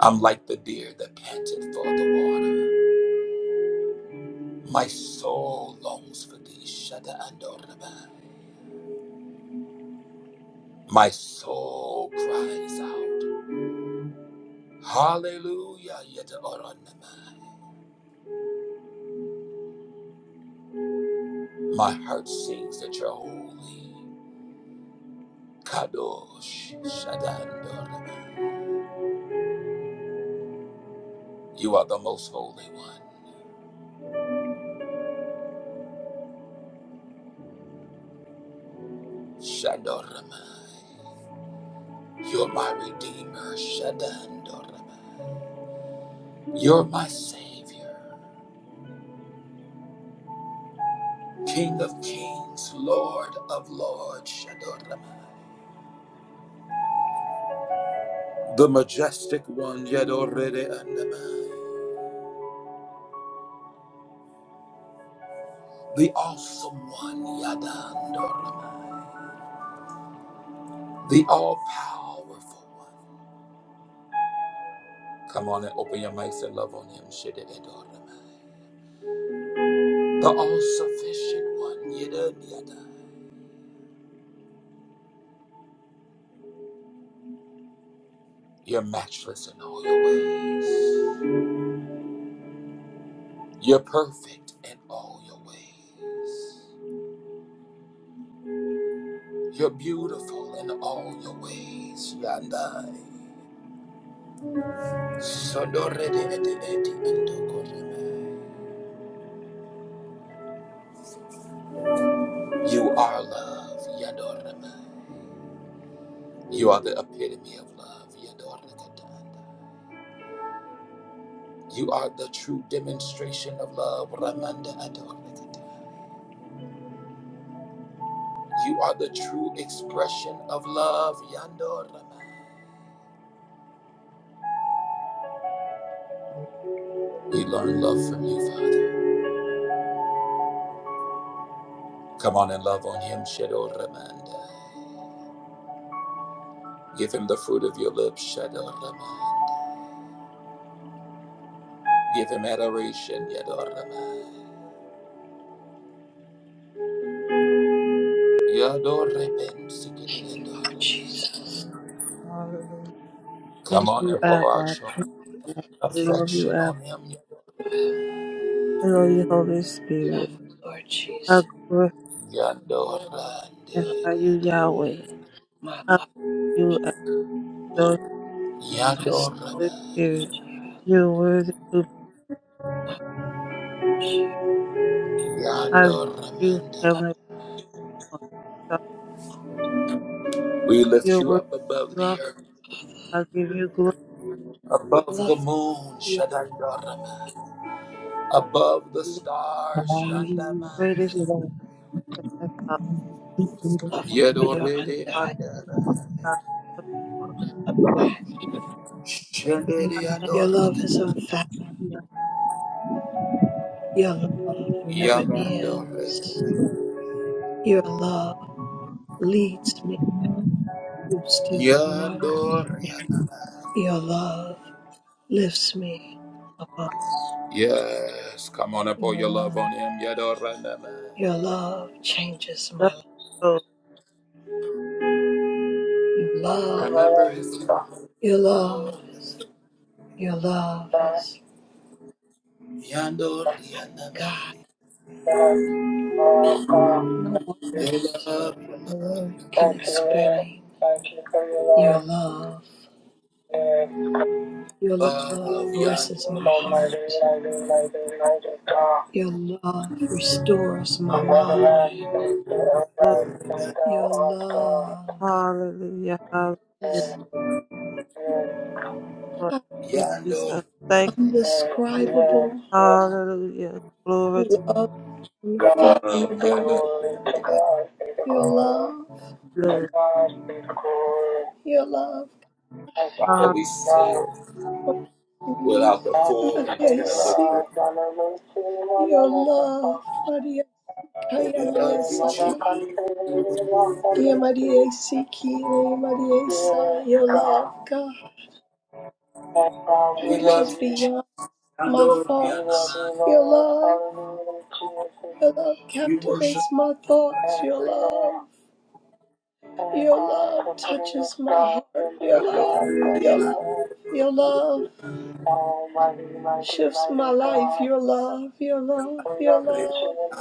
I'm like the deer that panted for the water. My soul longs for thee, Shadandorebai. My soul cries out, Hallelujah, Yadorema. My heart sings that you're holy. Kadosh Shadandor. You are the most holy one. Shadoramai. You're my redeemer. Shadandoramai. You're my savior. King of kings, Lord of lords. Shadoramai. The majestic one. Yadorede Andamai. The awesome one. Yadandoramai. The all powerful one. Come on and open your mics and love on him. The all sufficient one. You're matchless in all your ways. You're perfect in all your ways. You're beautiful in all your ways. You are love. You are the epitome of love. You are the true demonstration of love, Ramanda Ador. You are the true expression of love, Yando Ramanda. We learn love from you, Father. Come on and love on him, Shadow Ramanda. Give him the fruit of your lips, Shadow Ramanda. Give him adoration, Yador Ramanda. Yador, Reben, Thank you, Sikidendo Lord Rama. Jesus. Hallelujah. Come Thank on you, and pour out Abba. your Thank you. I Thank love you, affection Abba. on him, you, Father. I love you, Holy Love, Spirit. you, Lord I Jesus. Yador glorify you, Ramanda. Yahweh. My I love love, you, Abba, my Yador Ramanda. soul Holy to Spirit. you. You're worthy to be. My I love you, love, Heavenly Father. I We lift You're you worthy. up above You are. the earth, I give you glory, I above love the moon, you. Shadandorama, above the I love stars, how you Hallelujah. Thank greatest you, Yandamandia, Lord. Heavenly Father. Thank you, Lord. love you Thank for You your Yedorede are undying Andara, God. is unmatched. Shendere Thank Your love is Andorikata, unfathomable. you, Your love never ends. Yabandore, Your love leads me through still waters. Yandoria. Your love lifts me above. Yes, come on up, Your pour your love on love, him, Yadoranama. your love changes my you, life. Lord. Your love, Remember his your love love, is, your love is Yandoria God. Namandi. No Your words, love, your no love, words can explain your love. Your love, love Yandoria. caresses my heart. Your love restores my mind. Lord, Your love Hallelujah. Hallelujah. is Lord. not Thank you, Jesus. Yonder Thank undescribable. Hallelujah. Glory Your to love is love, yonder, unfathomable. Your love, the Lord. your love Father, Hallelujah. we say it for me. without the full Maria, intent of the word. Your love, Maria, But Kaya we Maria love you, Sata. Jesus. Yeah, Maria, Siki, Maria, Sa, Your love, God, We which is love you. beyond. my Yonder, thoughts. Rihanna, Your love, your love we worship captivates my thoughts. Your love, your love touches my heart. Your yonder, love, your Rihanna. love, your love shifts my life. Your love, your love, your love.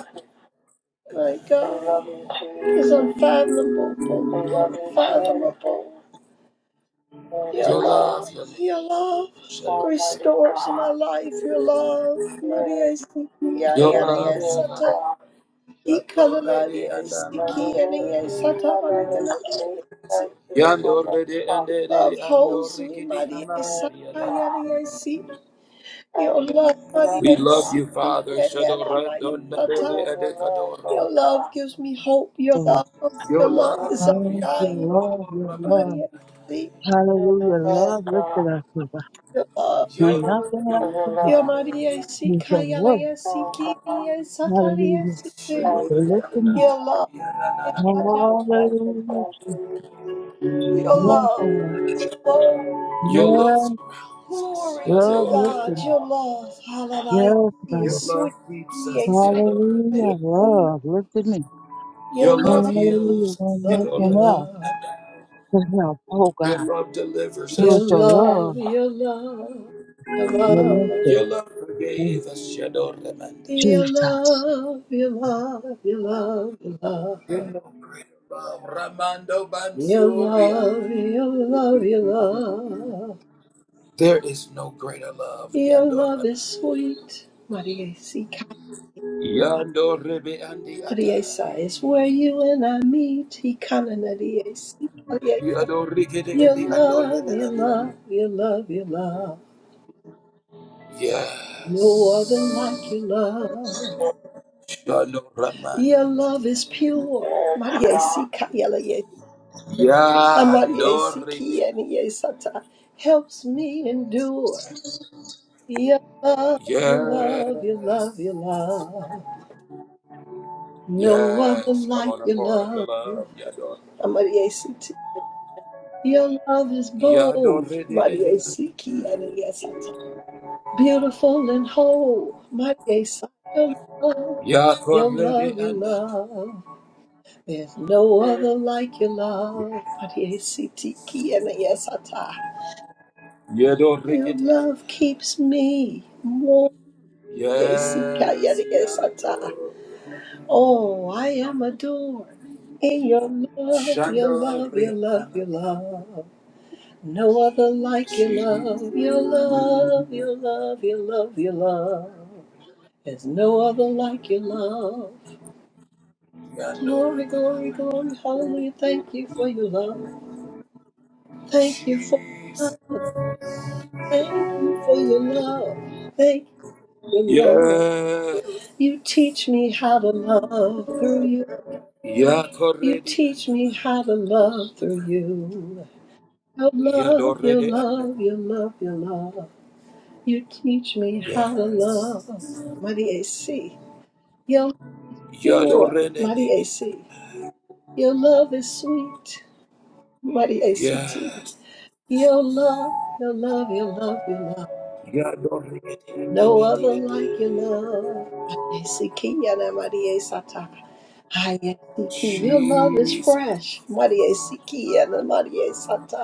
My God is unfathomable, unfathomable. Your your love, love, your love, your love Shalom. restores my life. Your love, Maria Sikia, your Yada love, your love. Yesata, Yonder, Ikalala Rihanna. Yesikia, Yesata, Maria Yonder, Rihanna, Your love yonder, holds me, Maria Rihanna, Saka, yonder. Yada Yesi. Your love, We Maria love you, Father. Sikia, Yada Shadora, Maya Donna, Bede, Sata. Edekadora. Your love gives me hope. Your Lord. love, your Your love is love, Thank you, Lord. Yes, your undying, love, your Yandor, love. Maria Sika Hallelujah. Love lifted us up. your love. Your When love, nothing your else is love, up, Your Maria your love. you can work. Sikayalaya Sikiria Sataria Hallelujah. Siti. Listen me. Shadoriana, Your love. Yana. yes, Hallelujah. Satan. Your Yes, love. God. Oh, Your love Yes, surrounds us, glory to love Yadore. God. lifted me. Your love. Hallelujah. Yes, Is Your God. love sweet. keeps us, Yes, I can. Yadore. Yes, Hallelujah. he- Love lifted me. Your Your love love. Your Hallelujah. heals us, When love. Your nothing Yadore. else love. can help. Oh, Your God. love delivers It Your was us, your Yadore. love. love. Your love. Your You love. lifted Your love me. forgave us, Yadore. Your Jesus. love, your love, your love, your love, your love. Your love greater love, Ramando Your love, Bansuria. your love, your love, There is no greater love, your love Yadore. is sweet. Maria Sika, Yadore be Andi Maria Sa Atai. is where you and I meet. Hikana Maria Sika, Maria Yadorigede Your edi love, your adorada. love, your love, your love. Yes. No other like your love. Your Shadoramandi edi love is pure. Maria Sika, Maria Sa, Maria Yadoribe. Siki, and Sata helps me endure. Your love, your love, your love, Yes. your love. No other Yes. Come like on, your pour out your love. love. Yador. Amari ACT. Your love is bold. Yadorede Amari edi. ACT. And yes, I tell. Beautiful and whole. Amari ACT. Your love. Your love, Yakorede your andam. love. There's no other like your love. Amari ACT. And yes, I tell. Your Yadorigede andam. love keeps me warm. Yes, I tell. Yes. And yes, I tell. Yador. Oh, I am adored. In your love, your love, your love, your Shandoriana. love. No other like your love, your love, your love, your love, your love. There's no other like your love. Yador. Glory, glory, glory, hallelujah. Thank you for your love. Thank you for your love. Jesus. Thank you for your love. Thank you for your love. Yes. You teach me how to love through you. Ya You korede teach me andama. how to love through you. Your Ya love, your dorede love, andama. your love, your love. You teach me how to Yes. love. Mighty AC. You're Ya pure. dorede Mighty andama. AC. Your love is sweet. Mighty ACT. Yes. Your love, your love, your love, your love. Ya dorede No andama. other like your diata. love. Mighty ACT. Yana Mighty ACT. Hi, ACT. Your love is Jesus. fresh. Mighty ACT. Yana Mighty ACT.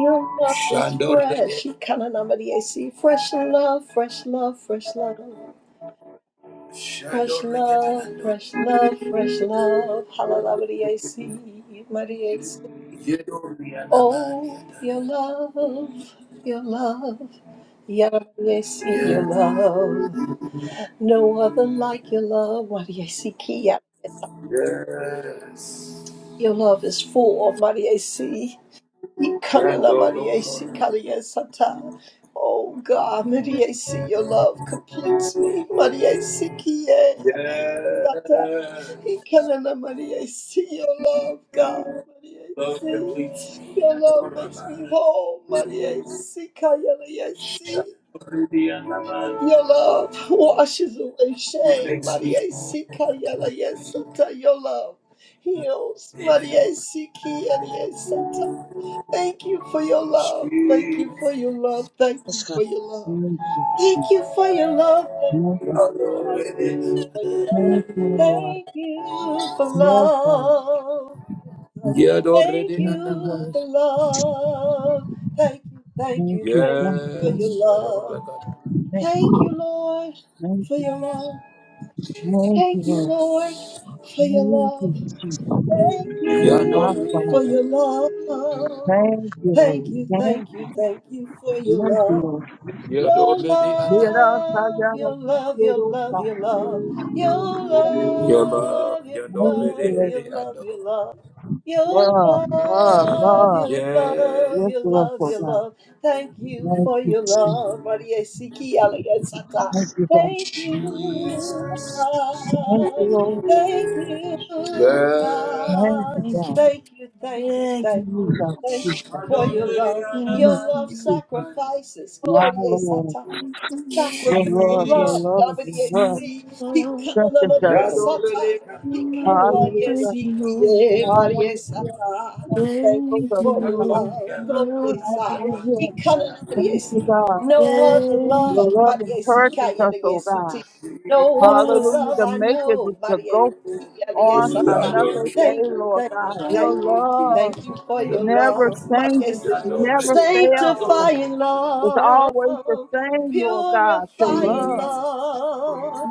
Your love is fresh. Shandorede. She kind of Mighty AC. Fresh love, fresh love, fresh love. Fresh Shandorede love, ando. fresh love, fresh love. Hallelujah, see, Maria. Yedori andama. Oh, diata. your love, your love. Yahweh, see your Yes. love. No other like your love. Maria, see, Kia. Yes. Your love is full, Maria, See. Ikanana Yandoro. Maria si Kalia Sata. Oh God, Maria si your love completes me. Maria si Kie Amaya Sata. Yes. Ikanana Maria si your love, God. Maria Love si completes me. your love makes me Yadorama. whole. Maria si Kalia si. Shandorede andama. Your love washes away shame. makes me Maria si Kalia Sata. Your love heals. Maria si Kie Sata. Thank you for your love. Thank sweet. you for your love. Thank Yes, you God. for your love. Thank you, Thank Jesus. you for your love. Thank you Thank you. for your love. Thank you for your love. Thank you, Lord. Thank you for Yes, God. love. Jesus. Thank Yadorede Thank you, you andama. Lord. for love. Thank you, thank Thank you, you. thank Thank you you, for Lord. your Yes, yet love. already. Thank you. Thank you, Lord, Thank for you. your love. Thank Thank you, you, Lord. Lord, for your Thank love. you, Jesus. Thank Yet My already. you Father. for your love. Thank you, Thank Lord. you, Thank thank you. you, thank you for your Thank you, love. Lord. Yet Your already, Mira, love, your callado, love, your quiero love, your love, your Yadorede. Yadorede. Yadorede andama. love, already, your Thank you, love, Lord. your Yadorede love, your andama. love. Your Love, love, love, love. your love, Yes, Yes, your Lord, love, for your God. love. Thank you Thank for you. your love. Maria Siki Alagasata. Thank you, God. Thank you, Jesus. Thank you, God. Lord. Thank you, Yes. Thank God. you, Thank God. you. Thank you, thank you, Thank you, thank Lord. you, Jesus, thank Jesus. you for your Yadorede love. andama. Jesus, Your Thank love you. Jesus. sacrifices. My Gloria Lord, Sata. Thank you, Lord. your Sacrificial love, your love. Jesus. love, your Maria love, Si. You love, Ikanana strengthens us, Maria oh God. Sata. you love, Hikala me. Hallelujah, thank you, Lord. yesikie Maria hallelujah. Sata. Thank Strengthens you Thank us, you, for oh your God. Lord. love, I love Gloria me, Sa. Lord. Hallelujah. Hikala Maria Thank you, Si. God. No other Your Thank love, love you. Maria encourages Sikaya us, oh Yesiti. God. No other Yes, Hallelujah. love The I makers is know, to Maria go Sikaya on Sata. another day, Thank you, Lord thank hallelujah. God. you, Your thank you, Thank you, thank love you for Lord. your never love, Maria changes. It Si. never fails. Sanctifying It's love, always the same, Lord God, Your Thank purifying love. love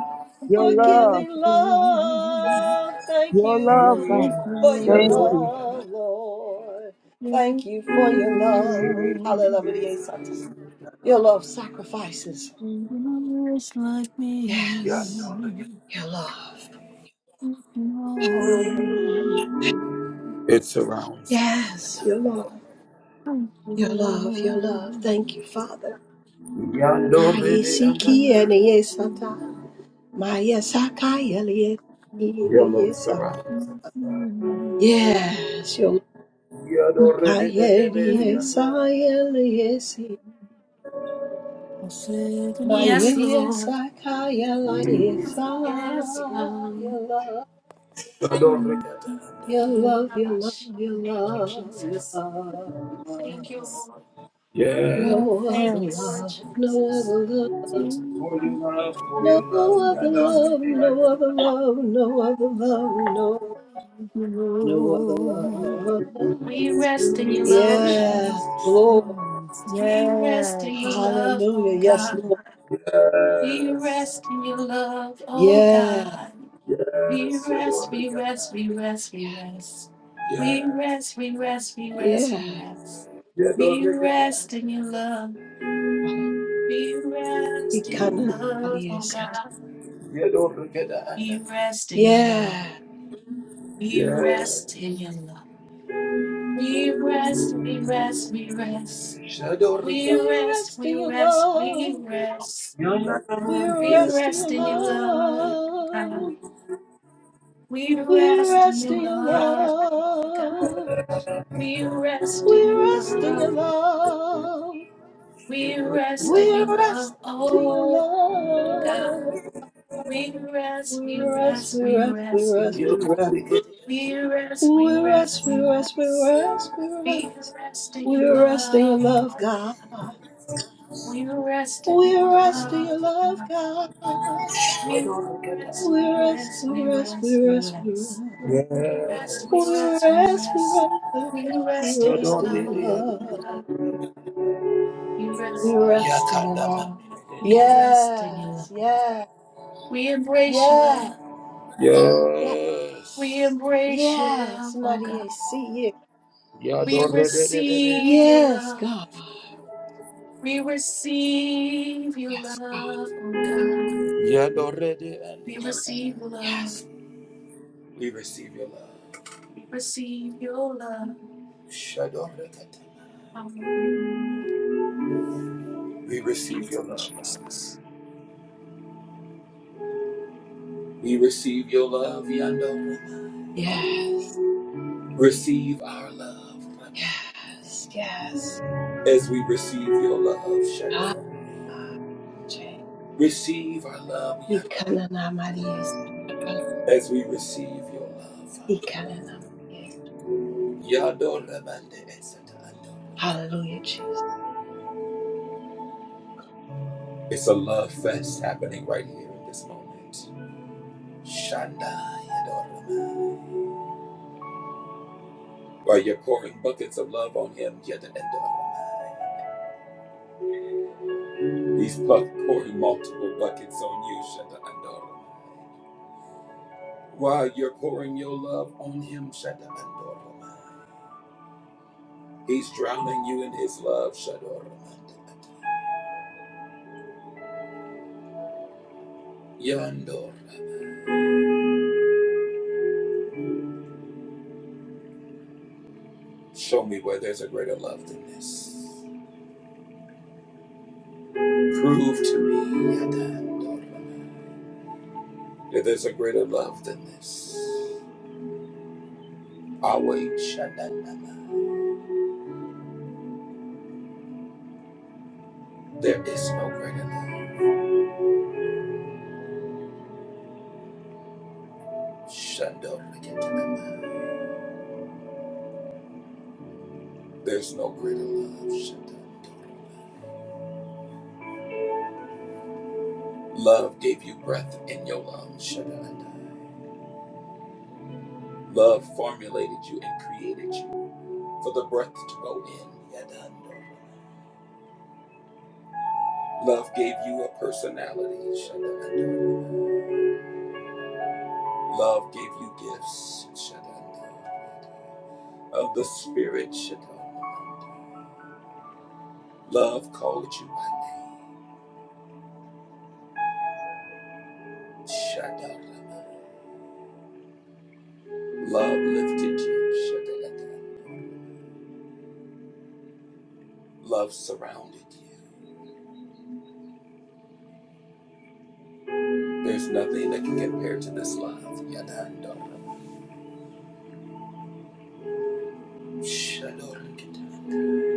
Your you, love, forgiving Lord. love. Thank your love, you Thank God. you, for your Thank Lord. Yadorede you. love, Lord. Praise Thank you for the your love. Lord. Hallelujah. Satan. Your love sacrifices. No is like already. me. Yet Yes, already. your love. Praise the Lord. It surrounds me. Yet Yes, your love. already. Praise the Your love, your love. Lord. Thank you, Praise Father. Yadorede andama. Ayesiki and the Yesata. Maya Sakai Eliye- Your love Yesana. surrounds. Lord. Yes, your love. Yadore de de de de Yeah, de Kayeliye yadore. Sayeliye I said, no, Yes, it's Maiya like Lord. Sakaya Laya Sa Yes, God. You me. Oh, love, you love, Rabash. you Thank you, love, you Jesus. love, you love, you Thank you, love. Yes. Lord. No other Thank you, Yes. Lord love, no Jesus. other love, Thank Love, you, love, no love, love, other love, Lord. love, love. no other love, no other love, no, Thank you, no other Lord. love. We rest in your love, Yes, Jesus. Lord. Yes. We rest in Yes. your love, Hallelujah. oh Yes, God. Lord. We rest in your love, oh Yeah, God. Yes, We rest, yadore we gada. rest, we rest, we rest. Yes, We rest, we rest, we rest, yeah. we rest. We yadore gada. rest in your love. We rest in your love, Ikananariya oh Sata. God. Yadore gada anda. We rest in your love. Yeah. We Yes, rest in your love. We rest, we rest, we rest. yadore We gada. We rest, rest we in your rest, we love. rest. We We rest in rest your in your love, oh God. love. We We rest in rest your in your love, oh God. love. We rest in We your rest in your love. love. We rest in We your love, rest in your oh God. love. We rest, We we rest, rest, we we rest, we rest, we rest, rest. we rest. We rest, we We rest, rest, we we rest, we rest. rest, we We rest. rest in We your rest in your love, love, oh God. God. We rest in We your rest in your love, oh love, God. God. We Yadore gada. rest, We we rest, rest, we we rest, we rest, we rest, we rest. rest. We rest, we We rest, Yes, we rest, we rest. rest, we We rest we rest in your rest in yadore love, your oh de yada. love. God. We rest, We rest in your Yakadama love. de de we gada. rest in your Yes, love. yes, We embrace your love. yes, yes, Yes, We embrace your love, yes, oh God. Maria, see you. yadore We receive your Yes, love. God. We receive your Yes, God. love, oh God. yadore de We receive anda. your love. Yes, We receive your love. We receive your love. Shadore gada. Hallelujah. We Thank receive your you, love. Jesus. We receive your love, Yando. yes, Receive our love Mama, yes, yes. as we receive your love, Ah, Shaddai. Jay. Receive our love, Yadon, Ikanana Maria, Satakala. as we receive your love. Father. Ikanana Maria. Yadon Ramande Esatando. Hallelujah, Jesus. It's a love fest happening right here in this moment. Shaddai Yadon Ramai. While you're pouring buckets of love on him, Yadon Ramai. He's pu- pouring multiple buckets on you, Shaddai Yadon Ramai. While you're pouring your love on him, Shaddai Yadon Ramai. He's drowning you in his love, Shador. Yandor. Show me where there's a greater love than this. Prove to me Yadandor, that there's a greater love than this. Away, Shandanama. There is no greater love. Shandor. There's no greater love, Shandor. Love gave you breath in your lungs, Shandor. Love formulated you and created you. for the breath to go in. Yadando. Love gave you a personality. Shadando. Love gave you gifts. Shadando. Of the Spirit. Shadando. Love called you by name. Shadando. Love lifted you. Shadando. Love surrounded you. There's nothing that can compare to this love. Yadando. Shadando.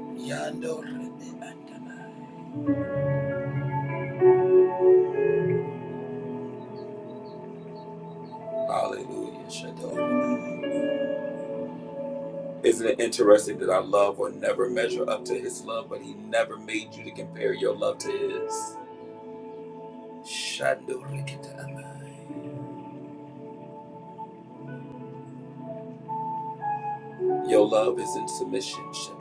Yadando. Yadando. Hallelujah. Shadow. Isn't it interesting that our love will never measure up to his love, but he never made you to compare your love to his? Shadow. Your love is in submission. Shadow.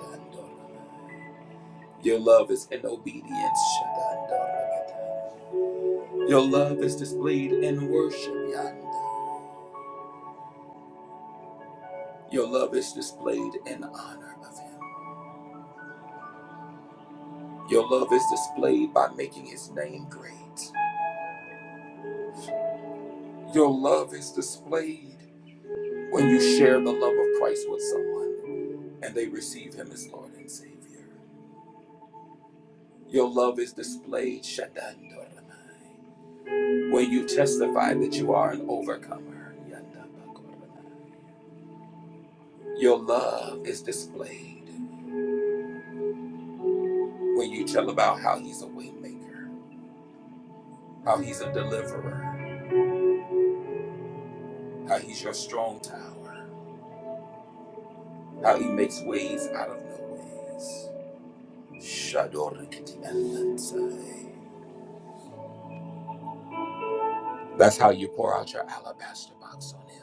Your love is in obedience. Shaddai. Your love is displayed in worship. Yanda. Your love is displayed in honor of Him. Your love is displayed by making His name great. Your love is displayed. when you share the love of Christ with someone and they receive him as Lord and Savior. Your love is displayed Shadandoramai, when you testify that you are an overcomer. Yandabakoramai. Your love is displayed when you tell about how he's a waymaker, how he's a deliverer, how he's your strong tower, how he makes ways out of no ways. Shadorikitialansai. That's how you pour out your alabaster box on him.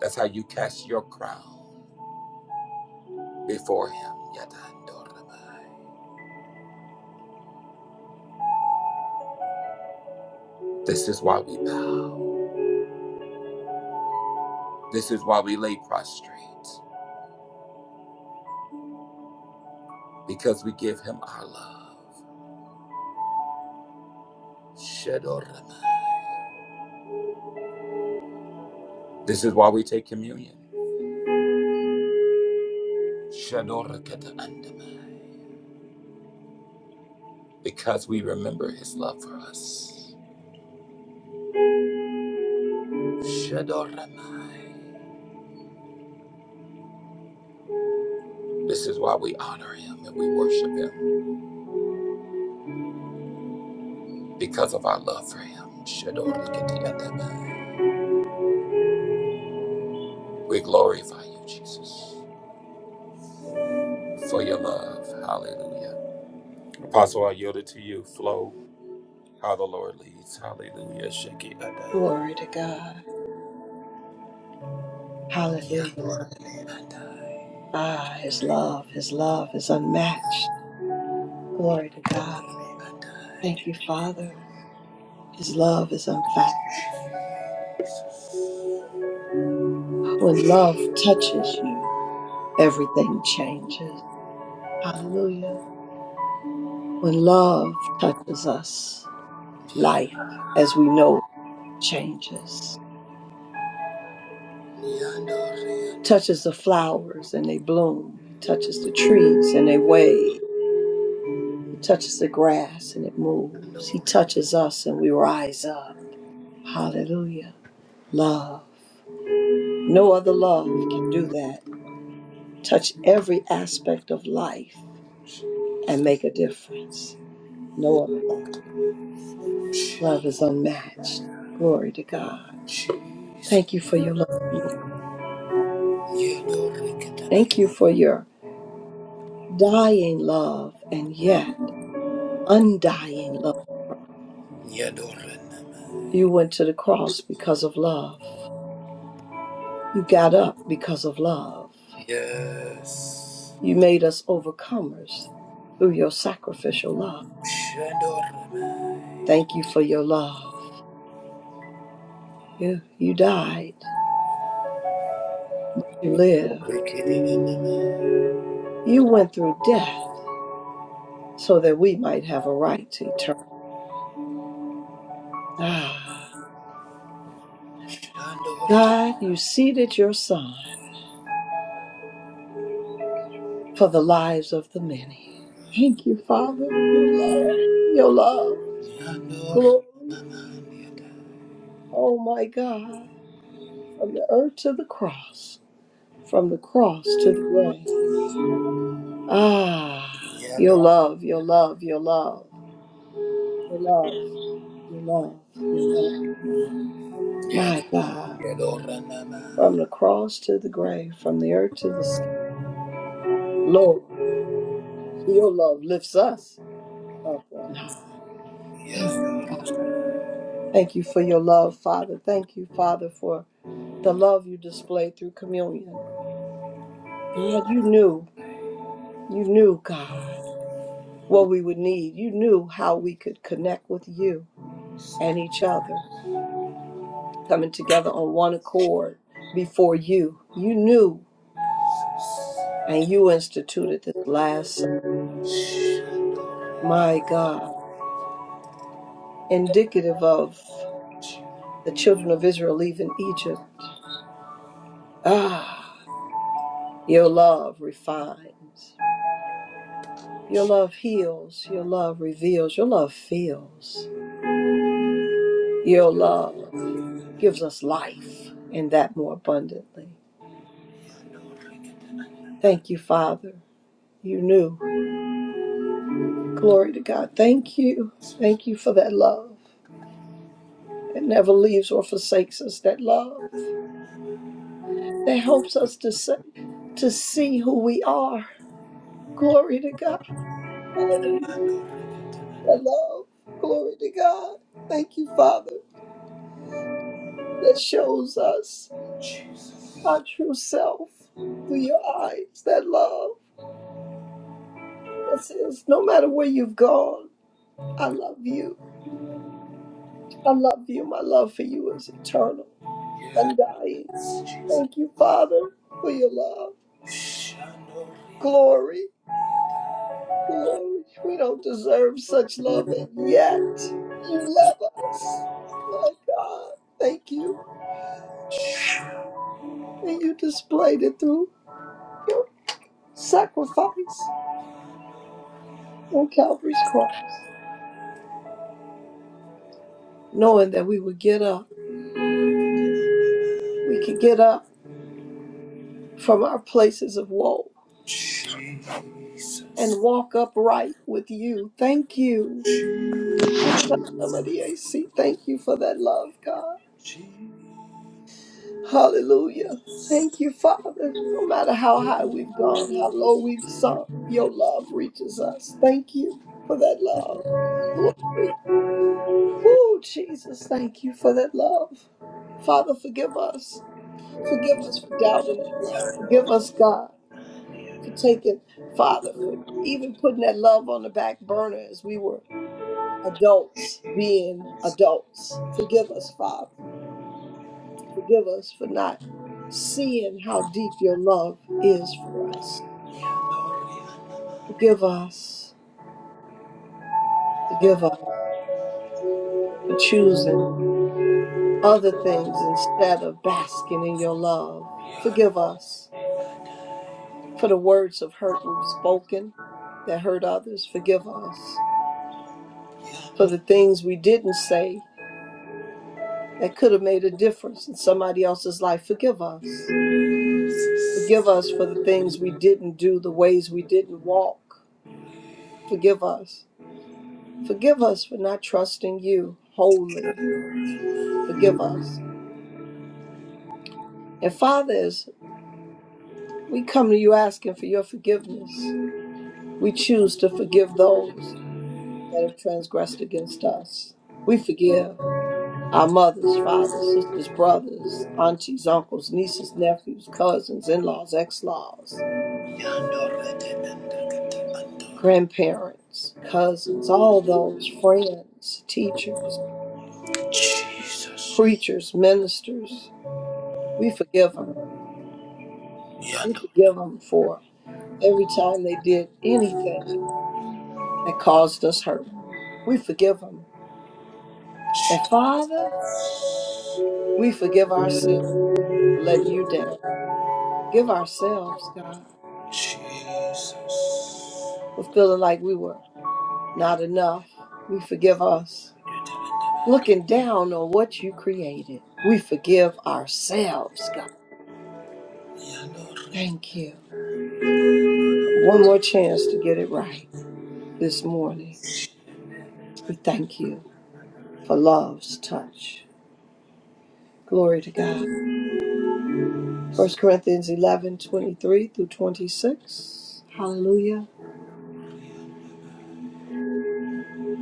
That's how you cast your crown before Him. This is why we bow. This is why we lay prostrate, because we give Him our love. This is why we take communion. Because we remember His love for us. This is why we honor Him and we worship Him, because of our love for Him. We glorify you, Jesus. for your love. Hallelujah. Apostle, I yield it to you. Flow how the Lord leads. Hallelujah. Shake it. Adai. Glory to God. Yeah, Hallelujah. Adai. Ah, his love, his love is unmatched. Yeah, Glory to God. Adai. Thank you, Father. His love is unfathomable. When love touches you, everything changes. Hallelujah. When love touches us, Yeah, life as we know it changes. yeah, Adai. Touches the flowers and they bloom. He touches the trees and they wave. He touches the grass and it moves. He touches us and we rise up. Hallelujah. Love. No other love can do that. Touch every aspect of life and make a difference. No other love. Jesus. Love is unmatched. Glory to God. Thank you for your love. Yeah, Thank you Adai. for your dying love and yet undying love. Yeah, Adai. You went to the cross because of love. You got up because of love. Yes. You made us overcomers through your sacrificial love. Shandor. Thank Adai. you for your love. You, you died but you Yeah, lived. Adai. You went through death so that we might have a right to eternal. Ah, Shandor. God, you seated your Son for the lives of the many. Thank you, Father, your love, your love, Yeah, Lord, glory. Adai. Oh my God, from the earth to the cross, from the cross to the grave. Ah, your love, your love, your love, your love, your love, your love, your love. My God. Yeah, Lord. Yeah. from the cross to the grave, from the earth to the sky. Lord, your love lifts us up on high. Thank Yes, thank you for your love, Father. Thank you, Father, for the love you displayed through communion. God, you knew, you knew, God, what we would need. You knew how we could connect with you and each other, coming together on one accord before you. You knew, and you instituted this last, Supper. my God, indicative of. the children of Israel leaving Egypt. Ah, your love refines. Your love heals. Your love reveals. Your love fills. Your love gives us life and that more abundantly. Thank you, Father. You knew. Glory to God. Thank you. Thank you for that love that never leaves or forsakes us. That love that helps us to, say, to see who we are. Glory to God. Hallelujah. Jesus. that love. Glory to God. Thank you, Father, that shows us our true self through your eyes. That love that says, no matter where you've gone, I love you. I love you. My love for you is eternal, Yes, undying. Jesus. Thank you, Father, for your love. Glory, glory. We don't deserve such love, and yet you love us. My God, thank you. And you displayed it through your sacrifice on Calvary's cross, knowing that we would get up. We could get up from our places of woe Jesus. and Jesus. walk upright with you. Thank you. AC. Thank you for that love, God. Hallelujah. Thank you, Father. No matter how high we've gone, how low we've sunk, your love reaches us. Thank you for that love. Glory. Oh, Jesus, thank you for that love. Father, forgive us. Forgive us for doubting that love. Forgive us, God for taking, Father, for even putting that love on the back burner as we were adults being adults. Forgive us, Father. Forgive us for not seeing how deep your love is for us. Forgive us. Forgive us for choosing other things instead of basking in your love. Forgive us for the words of hurt we've spoken that hurt others. Forgive us for the things we didn't say that could have made a difference in somebody else's life. Forgive us. Forgive us for the things we didn't do, the ways we didn't walk. Forgive us. Forgive us for not trusting you wholly. Forgive us. And Father, as we come to you asking for your forgiveness, we choose to forgive those that have transgressed against us. We forgive our mothers, fathers, sisters, brothers, aunties, uncles, nieces, nephews, cousins, in laws, ex laws. grandparents, cousins, all those, friends, teachers, preachers, ministers. We forgive them. We Yando. forgive them for every time they did anything that caused us hurt. We forgive them. And Jesus. Father, we forgive ourselves for letting you down. Give ourselves, God, for feeling like we were not enough. We forgive us. Looking down on what you created, we forgive ourselves, God. Thank you. One more chance to get it right this morning. We thank you for love's touch. Glory to God. First Corinthians 11 23 through 26. Hallelujah.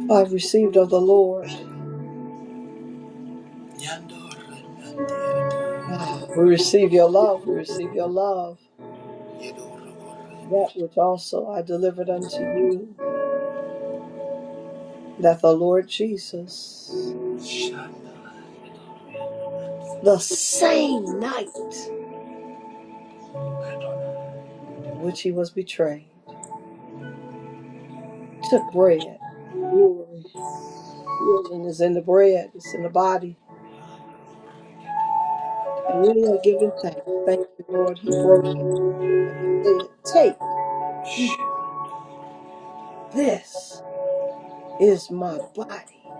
For I've received of the Lord. Yando. Yando. Ah, we receive your love. We receive your love. Yando. That which also I delivered unto you, that the Lord Jesus, the same night which he was betrayed, took bread. Glory Healing is in the bread, it's in the body. And when he had given thanks, thank you, Lord, he broke it and said, Take, eat. This is my body,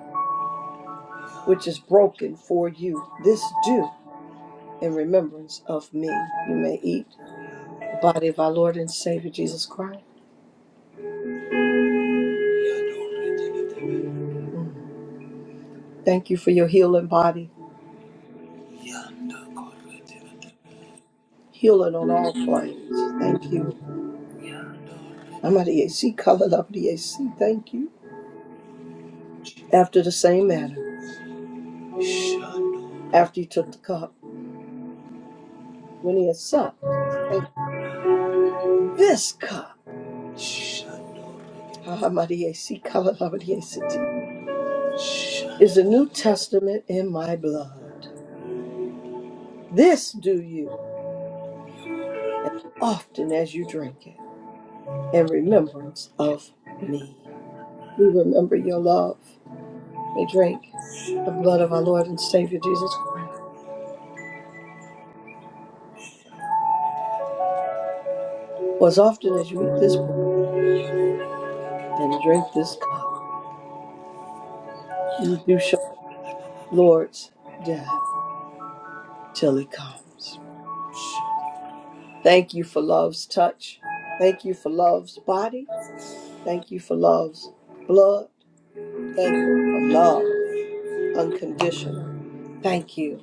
which is broken for you. This do in remembrance of me. You may eat the body of our Lord and Savior Jesus Christ. Thank you for your healing body, healing on all planes. Thank you. I'm at the AC, colored up the AC. Thank you. After the same manner, after he took the cup, when he had supped, saying, This cup Hahamadiesi, Kalalabadiesiti, is the New Testament in my blood. This do you often as you drink it in remembrance of me. We remember your love We drink the blood of our Lord and Savior Jesus Christ. For as often as you eat this bread and drink this cup, you do show the Lord's death till he comes. Thank you for love's touch. Thank you for love's body. Thank you for love's blood. Thank you for love, unconditional. Thank you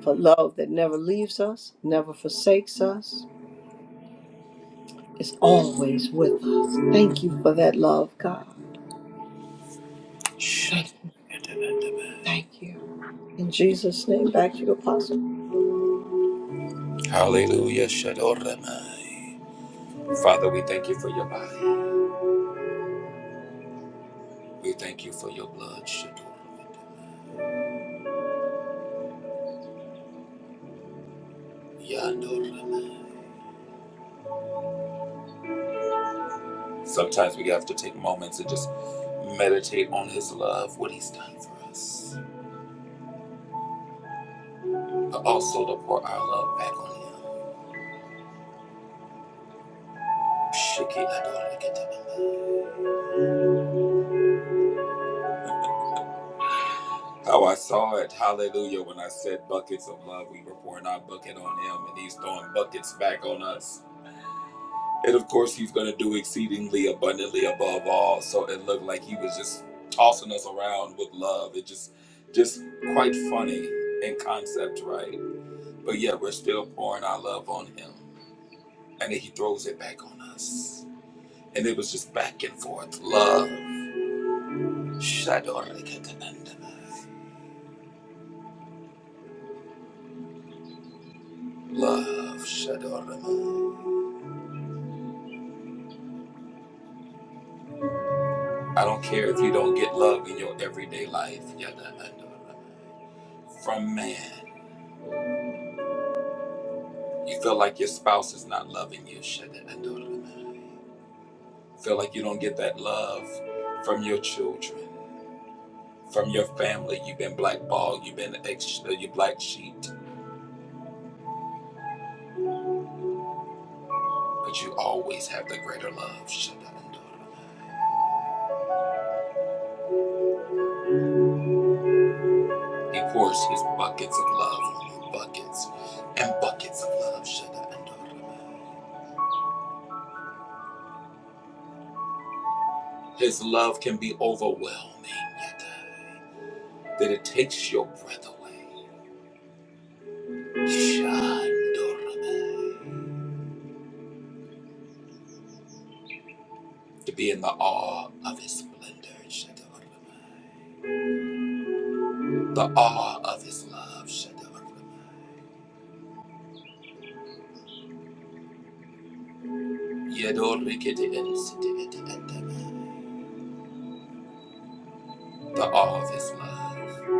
for love that never leaves us, never forsakes us, is always with us. Thank you for that love, God. Thank you. Thank you. In Jesus' name, back to you, Apostle. Hallelujah, Shadoramai. Father, we thank you for your body. We thank you for your blood, Shadoramai. Sometimes we have to take moments and just meditate on His love, what He's done for us, but also to pour our love back on Him. How I saw it, hallelujah, when I said buckets of love, we were pouring our bucket on Him and He's throwing buckets back on us. And of course, He's going to do exceedingly abundantly above all. So it looked like He was just tossing us around with love. It just, just quite funny in concept, right? But yet, we're still pouring our love on Him. and then he throws it back on us. And it was just back and forth. Love. Love. I don't care if you don't get love in your everyday life. From man. You feel like your spouse is not loving you. Feel like you don't get that love from your children, from your family. You've been blackballed. You've been ex- you black sheep. But you always have the greater love. He pours his buckets of love on you, buckets and buckets of love. His love can be overwhelming, yet, uh, that it takes your breath away. To be in the awe of his splendor, the awe of his love, the awe of his love.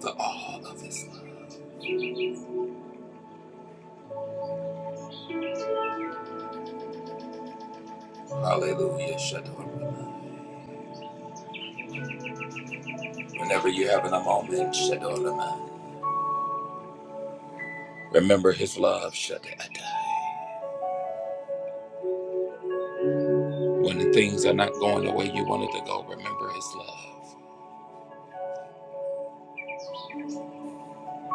the all of His love. Hallelujah. Shadoramai. Whenever you're having a moment, Shadoramai, remember His love. Shadoramai. When the things are not going the way you wanted to go, remember His love.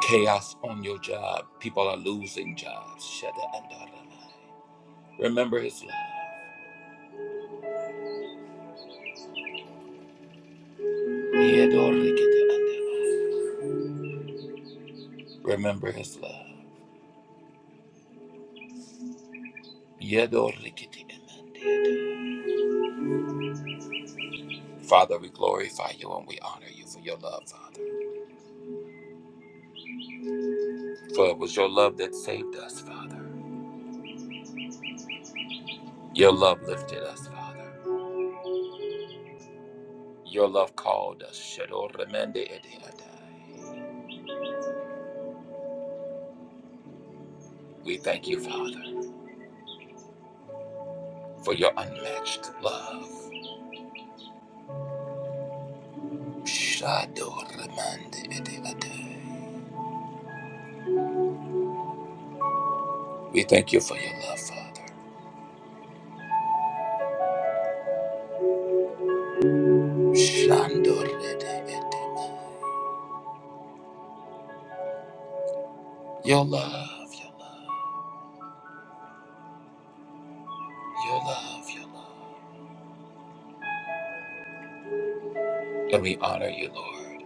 Chaos on your job, people are losing jobs. Shadoramai. Remember His love. Yedorikitiandamai. Remember His love. Yedorikitiandamai. Father, we glorify you and we honor you for your love, Father. For it was your love that saved us, Father. Your love lifted us, Father. Your love called us. Shador remende ede We thank you, Father, for your unmatched love. Shador remende ede We thank you for your love, Father. Shandor ede Your love, your love, your love, your love. And we honor you, Lord,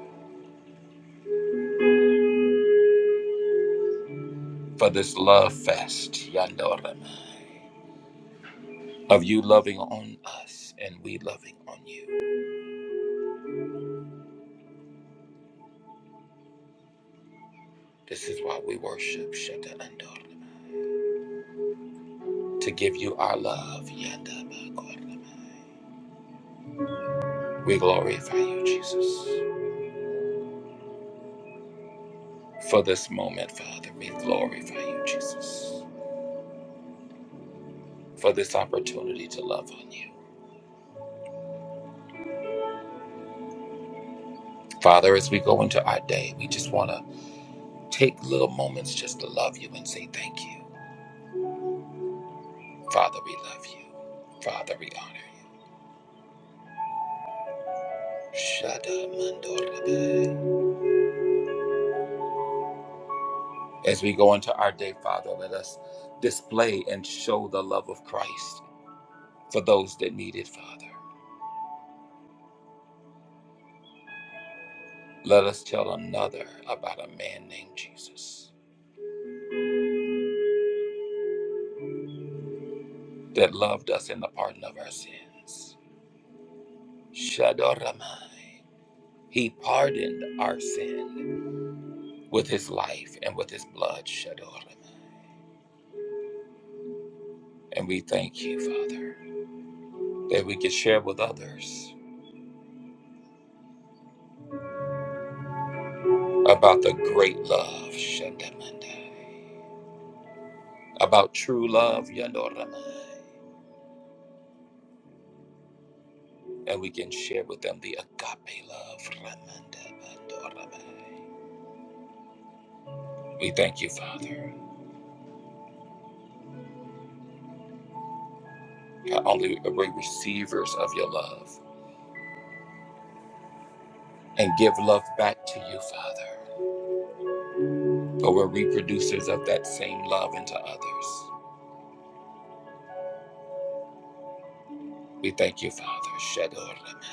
for this love fest. Yandor remende. of you loving on us and we loving on you. This is why we worship Shetta and Dorna, to give you our love. Yanda Bakorna. We glorify you, Jesus. For this moment, Father, we glorify you, Jesus, for this opportunity to love on you. Father, as we go into our day, we just want to take little moments just to love you and say thank you. Father, we love you. Father, we honor you. Shada Mandor. As we go into our day, Father, let us display and show the love of Christ for those that need it, Father. Let us tell another about a man named Jesus that loved us in the pardon of our sins. Shadoramai. He pardoned our sin with his life and with his blood. Shadoramai. And we thank you, Father, that we can share with others about the great love, Shandamandai, about true love, Yandoramai and we can share with them the agape love. We thank you, Father. God, only are we receivers of your love and give love back to you, Father. But we're reproducers of that same love into others. We thank you, Father. Shadorama.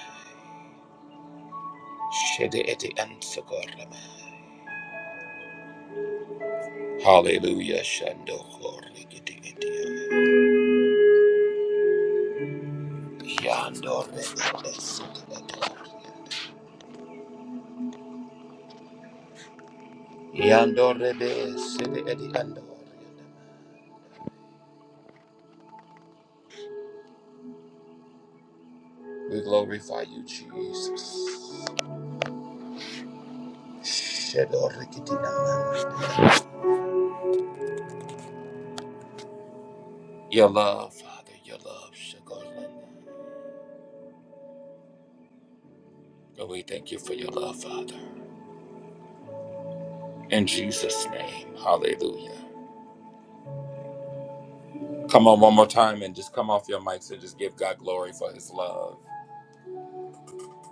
Hallelujah. We glorify you, Jesus. Your love, Father, your love, But we thank you for your love, Father. In Jesus' name, hallelujah. Come on, one more time and just come off your mics and just give God glory for his love.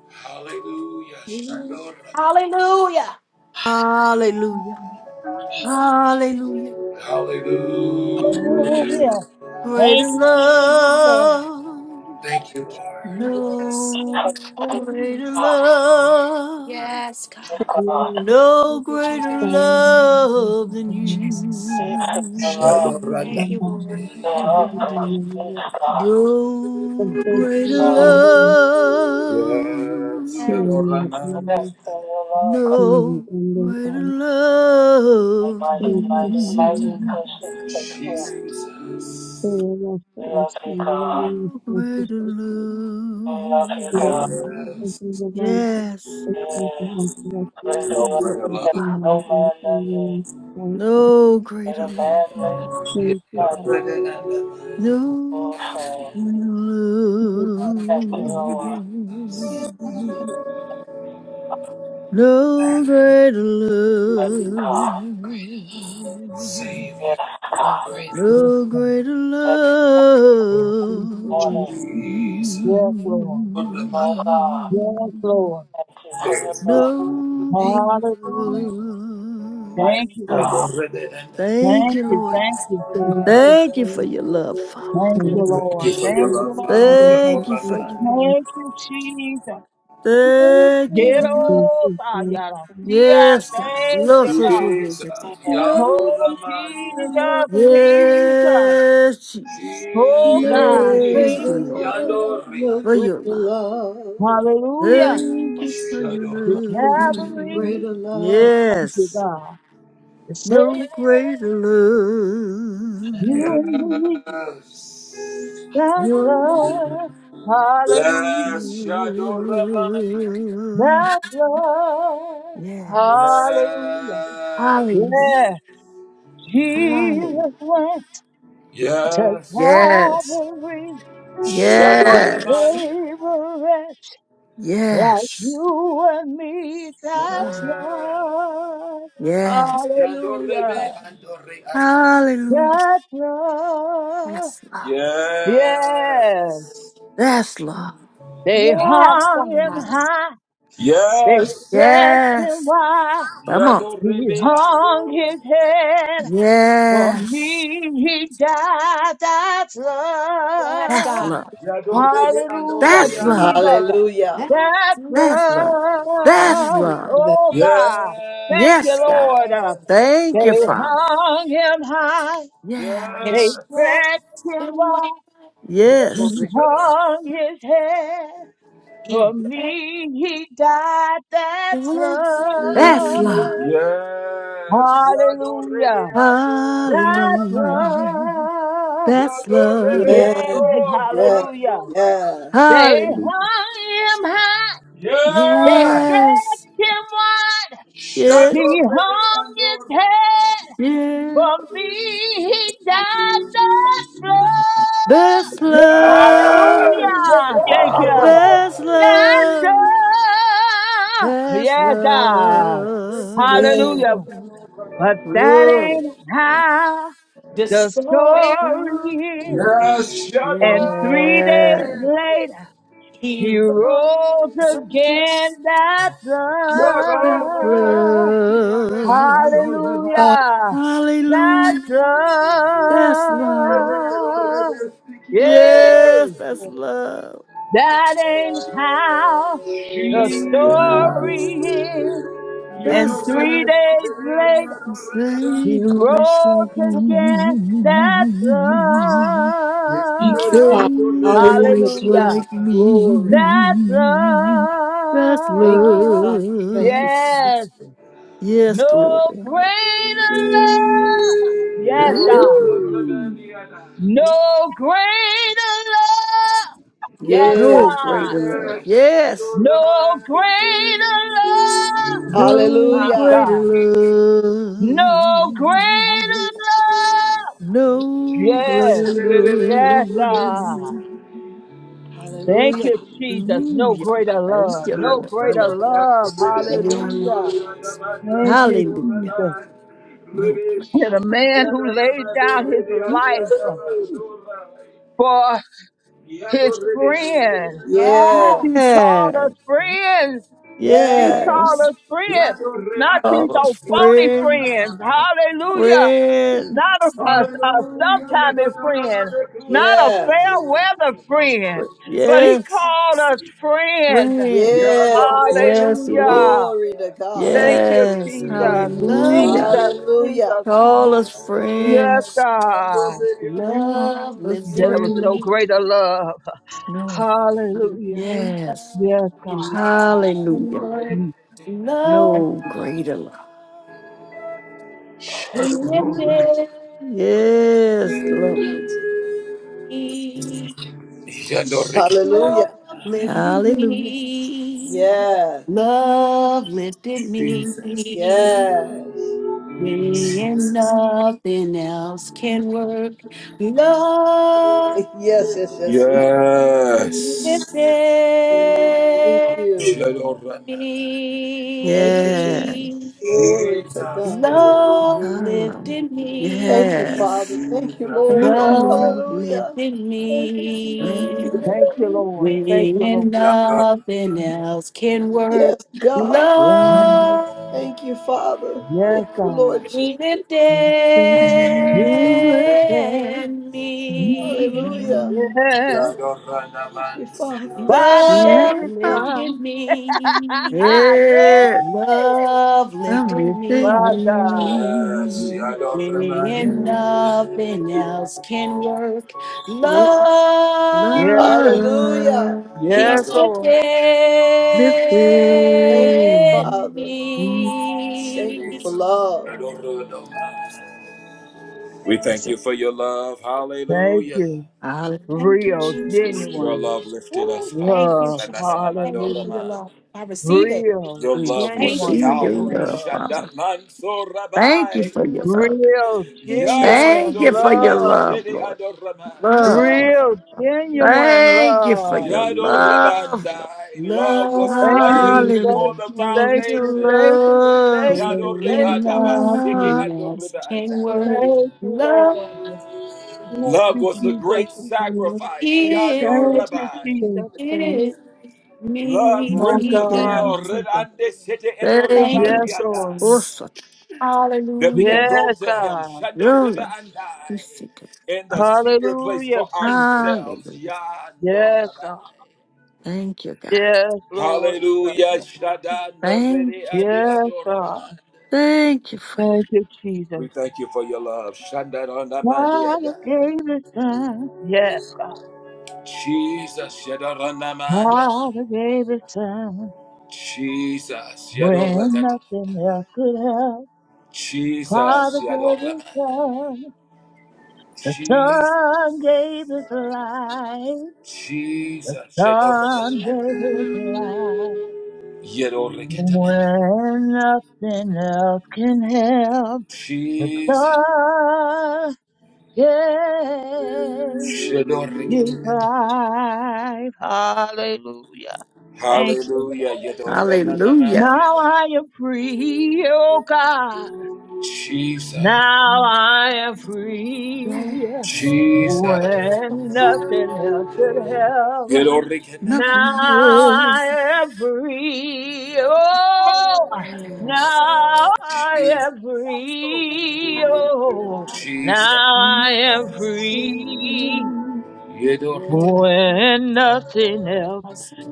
Hallelujah. Shadorama. Hallelujah. Hallelujah. Hallelujah. Hallelujah. Hallelujah. No Greater Thank you, Jesus. love. Thank you, Lord. Yes, no Greater Ah, love. Yes, yes, God. Thank God. you. No Thank you, greater Jesus. love than Peace Jesus. in your love, Shadorama. Thank you, you. Lord. your love, praise. Peace, God. No greater God. love. Yes, Shamania. Rest in your love, God. No greater love Almighty, than mighty, mighty, you. precious, thank you. Jesus. We love you, God. No greater We love you, God. love. Yes. Yes. We No No Help greater me, love. Father. man than me. No That greater love. man lays his life No for greater love. love you. No greater Yes, love. Yes, Savior. Oh, Yes, No God. greater love. Yes, Lord. oh Yes, Lord. love. No good. Hallelujah. Yes, Thank you, God. Thank Thank you, you. Lord. Thank you, Jesus. Thank you for your love, Father. Thank And I you, think it's Lord. Thank probably would you, have been Lord. the thing Thank you that has to for be your on Thank you, Jesus. No thank you. Get greater Jesus. the ice love, cream off, is going and Ayarasia. Yes, God. Thank Love you, so God. so so, Jesus. so, so. Yado no Oh, Raman. greater Jesus, love, Jesus. Yes, Jesus. Oh, no God, Thank Jesus. you, greater Jesus. Lord, Yando love, Rian. no for your greater love. love, Hallelujah. Thank you for your The Shadow. no Calvary, love. greater love. thank you, Yes. God. The Savior, No greater you love. and me, Yes. that You, love, Yes. hallelujah. Shadow Raman. That love, yes. hallelujah. Hallelujah. Yeah, Hallelujah. Jesus went to Yes. Calvary, the Yes. Savior, like Yes. you and me, that love, Yes. hallelujah. Hallelujah. That love, That's love. yeah. That's love. They Yes, hung him God. high, they dressed him Yes. wide. Come on. He Yando hung his head, for Yes. me he died. That's Yes, That's love. God. love. Rebe Ando Hallelujah, That's love. Jesus. Rianaman. Hallelujah. That's That's it. That's love. That's Thank love. you love. for that. Oh God, thank you, Yes, God. Lord. Thank you, They Father. hung him high, Yes. they It's yes, stretched him anyway. wide. He Yes. hung his head. He For blessed me, he died. That's Yes. That's love. love. Yes. Yado Rebe Hallelujah. Ando That's Rianaman. Hallelujah. love. That's Yado Rebe love. Yes, Yes, yes, hallelujah. Ando Raman. yes, They Hallelujah. hung him high. They Yes. Yes. stretched him wide. Yes. He hung his head. Yeah. For me, he died. That's love. That's love. Hallelujah. Thank you. That's That's love. all. That's Yeah, God. Yes. love. yes. Hallelujah. But that Glory. ain't how the Destroy. story Glory. is. And three days Yes. later, He he rose runs against again. That's That's all. love. Ah, Hallelujah. Hallelujah. That's That's love. all. Yeah. Yes, that's love. That ain't how the this. Yes. story is. And That's three love. days later, Say he a rich like rose again That's me. thank you, Say a love. Father. Hallelujah, rich Jesus. Hallelujah. like Glory. That's me. That's Thank you, love. Father. Thank love. you. Yes. Yes, No glory. greater love. Yes, God. Yes! Hallelujah. yes, No greater love. Yes, Yeah. No God. greater love. Yes. No greater love. No My Hallelujah. greater God. love. No greater love. No Yes, greater yes, God. love. Thank Hallelujah. you, Jesus. No Hallelujah. greater Thank love. you, No Lord. No greater greater. Hallelujah. love. Hallelujah. Yes. Thank you, Hallelujah. Jesus. No greater. And love. a man who laid down his life Woo. for his friend. Yeah. He called us Yes. friends. He Yes. called Yes. us friends. Not these Call us old phony friend. friends. Hallelujah. Friend. Not a, a, a sometime friend. Not a fair Yes. weather friend Friend. but he Yes. called us friends. Friend. Yes. Yes, he did. Hallelujah. Glory to God. Thank you, Yes. Jesus. Love, Hallelujah. Jesus, Hallelujah. Jesus. Call us Yes, friends. God. Call love, us living There was no friends. greater love. No. Hallelujah. in Yes. love, Yes, God. in Hallelujah. love, Mm. No love. greater love. Love lifted Yes, love. me. Hallelujah. Hallelujah. Yes. Love lifted me. Yes. When nothing else can work, love Yes, yes, yes, yes. Yes. Thank lifted you. Shadorama. Thank you, Yeah. Jesus. me. Glory to God. Love Ah, lifted Thank me. you, Father. Yes. Thank you, Thank Lord. you, Yes. Love Lord. Hallelujah. lifted Thank you, Jesus. me Thank Thank you, Glory. Lord. Thank you, when Lord. nothing you, else can work. Yes, God. Lord. Mm. Love Thank you, Father. Yes, You, God. Lord Jesus. lifted Thank you, You will thank me. me. Hallelujah. Lord. Yes. Thank you, Father. Jesus, Father Love gave Yeah. his lifted son. me. Thank- Yes. yes. Love I'm lifted lifting My me God. Yes, you are not when me. reminded. nothing else can work. Yes. Love. Yes, God. Love Hallelujah. You Yes, are He's not within Lord. lifted. Thank you, Father. me. Thank you for me. Jesus. You are love. not reminded. We thank Jesus. Thank you. Hallelujah. Thank you, Real, Thank you. Jesus. you. for Lord, your genuine love. Ooh, thank you, love. Jesus. Thank you for Hallelujah. your love. I receive it. Real, Thank you for Receive genuine your your love. love, love. Father. Thank you for your love. Real, Thank you, Jesus. Thank genuine you for your love. love, Lord. Love, Love Lord. Real, you. genuine Thank you for love. your love. Love Thank you, thank you. Hallelujah. you, thank Your you, thank you, love. thank you, thank In you. Your love, love. nothing else can work. Thank you, Lord. Thank you, looking for the Jesus. Love. kind Heal Thank you, Jesus. hear Lord, My rip the Thank you, God, me. veil, Lord. rid Jesus. and the city edo Thank you, Thank you, Yes, Lord. Lord. Oh, Jesus. rabandiadai, such that we Hallelujah. can go Yes, to Him, God. shando your riba love. and We seek it. I, in the secret place Hallelujah, for Jesus. ourselves, Hallelujah. yando Yes, rabai. God. Thank you, God. Yes, Lord. Hallelujah. Shadando Thank redi you. adi Yes, ando God. ramai. Thank you for you. Thank you, Jesus. We thank you for your love. Shandando namandi Father adai. gave his son. Yes. Jesus, Yadoranamanda. Father gave his son. Jesus, When Yadorakata. nothing else could help. Jesus, Father gave his Yadorama. son. The Jesus, son gave his life. Jesus, Son Yadorakata. gave his life. Yadorakata. When nothing else can help. The Jesus, son gave. His life. Hallelujah. Thank you. Lord. Hallelujah. Now I am free, oh God. Jesus, Now I am free. Yes. When nothing else could help. Now Nothing more. I am free. Oh, Yes. now I am Jesus. free. Oh, Jesus, now I am free. when nothing else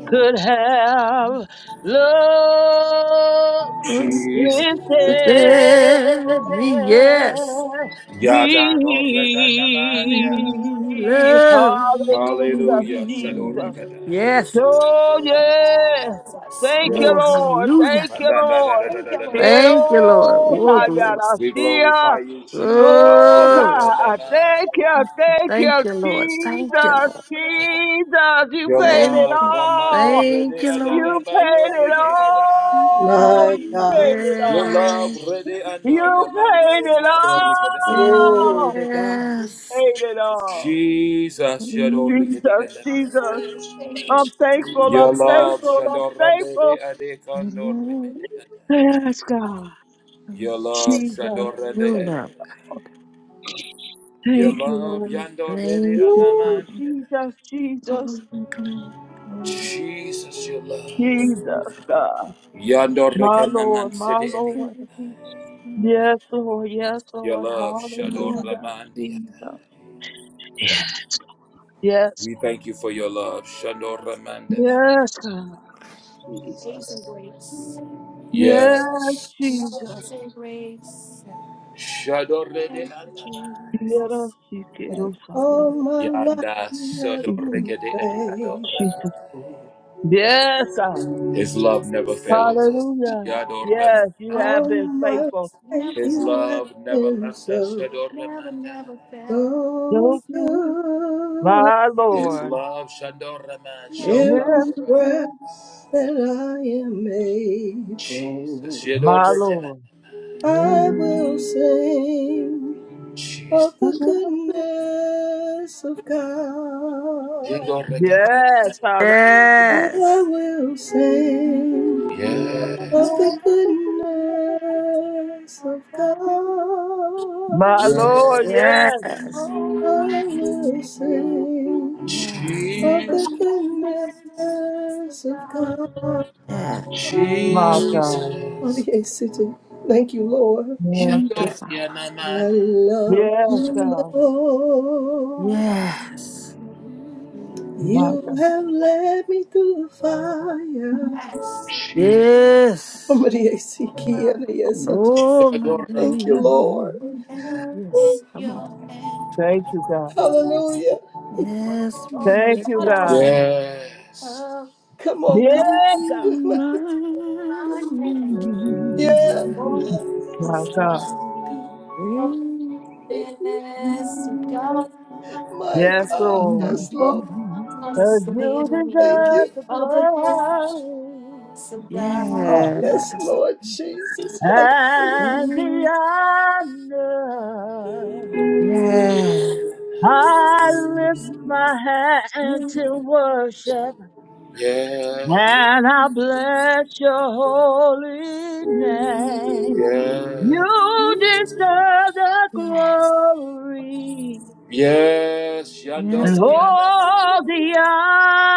could have love yes, Jesus. within yes. me. Love. Hallelujah, Jesus. Yes. Oh, yeah. Thank you, Oh, Lord. hallelujah. Thank you, Lord. Thank you, Lord. Thank you, Lord. Quiero Thank Oh, you, glory. Jesus. hallar Oh Glory. God, thank you, thank Thank you, you, Lord. Thank Thank you, Jesus, Lord. you, Lord. Jesus, you paid Thank, it all. thank you, Yes, Lord. God. You You paid it paid it all. all. My You You God. paid paid it it Your all. all. love Yes, ready and You Ramanda paid Edi it Thank you, Adorikada and Jesus. Glory all. to God. yes. Paid it all. Jesus Mm. Yadorikadi Jesus, and Jesus, Thank you, I'm Jesus. thankful, I'm Love thankful, I'm Shadorande thankful. Ade Hello, Condor Yes, God. Your love, Jesus, you you Sadorende. thank, look Your thank you, love, Lord. Yandorede great. Oh, Ooh, Anamandi. come Jesus, Jesus, on, Jesus, your love. Jesus, God. My Yandorekanaman Lord, my City Eddie. Lord. Yes, Lord. Yes, Your Lord. love, Shador Hallelujah, Ramandi. Jesus. Yes, yes, We thank you for your love, Shador for Ramanda. yes, God, Jesus. Amazing grace. Yeah. Yes, Jesus. Amazing grace. Thank Shadorede you, Anamandi. Yes, Jesus. And Jesus. all Thank my life Yanda you, you have been Sadorekede Eddie faithful. Adora. Jesus. Yes, God. His love never Jesus. fails us. Hallelujah. Yadoram. Yes, you have Father, All been my yes. faithful. never, life His you have never love fails. never been us. left us, so, Never, never Shadoramanda. fails. so Thank us. you, good. my His Lord. love, Shadoraman, Never, never shows up Yes, Every for us. fails. us. sir. breath that I am Jesus, you able, don't my regret. Lord. I will sing Jesus, of the goodness of you God. don't regret. Yes, hallelujah. I Yes, will sing My Yes, of the goodness of Above God. Lord, yes. yes. yes, all I things, will sing yes, oh of the Jesus, goodness of goodness of God. God. yes. My God. Jesus, Yes, it is. Thank you, Lord. you Yes, Thank you, God. don't Father. regret. I love Yes, you, God. Lord. Yes, My You God. have led me through the fire. Yes. Jesus, yes. Somebody see and yes, I do. Oh, my Thank you, Lord. God. Hello in Ooh, Yes, come on. your hand. Thank you, God. hallelujah. Yes, we Oh, that's Thank let you, what your I want. God. phone. yes. Oh, Come on, come Yeah, God. on. that's in my Ooh, hand. Yes, Oh, I'm yes. gonna My God. sing. Oh, Thank you. goodness to God. My Yes, God. Lord. Yes, Lord. Oh, I'm gonna Cause you Thank sing. you. deserve the Oh, the glory goodness of God. uh, Yeah. Yes, Lord Jesus. Hallelujah. and the honor. Yeah. I lift my hand to worship. Yes, And I bless your holy name. yes, You deserve the Yes. glory yes, Yandor Yes, and God. Yadaman, all the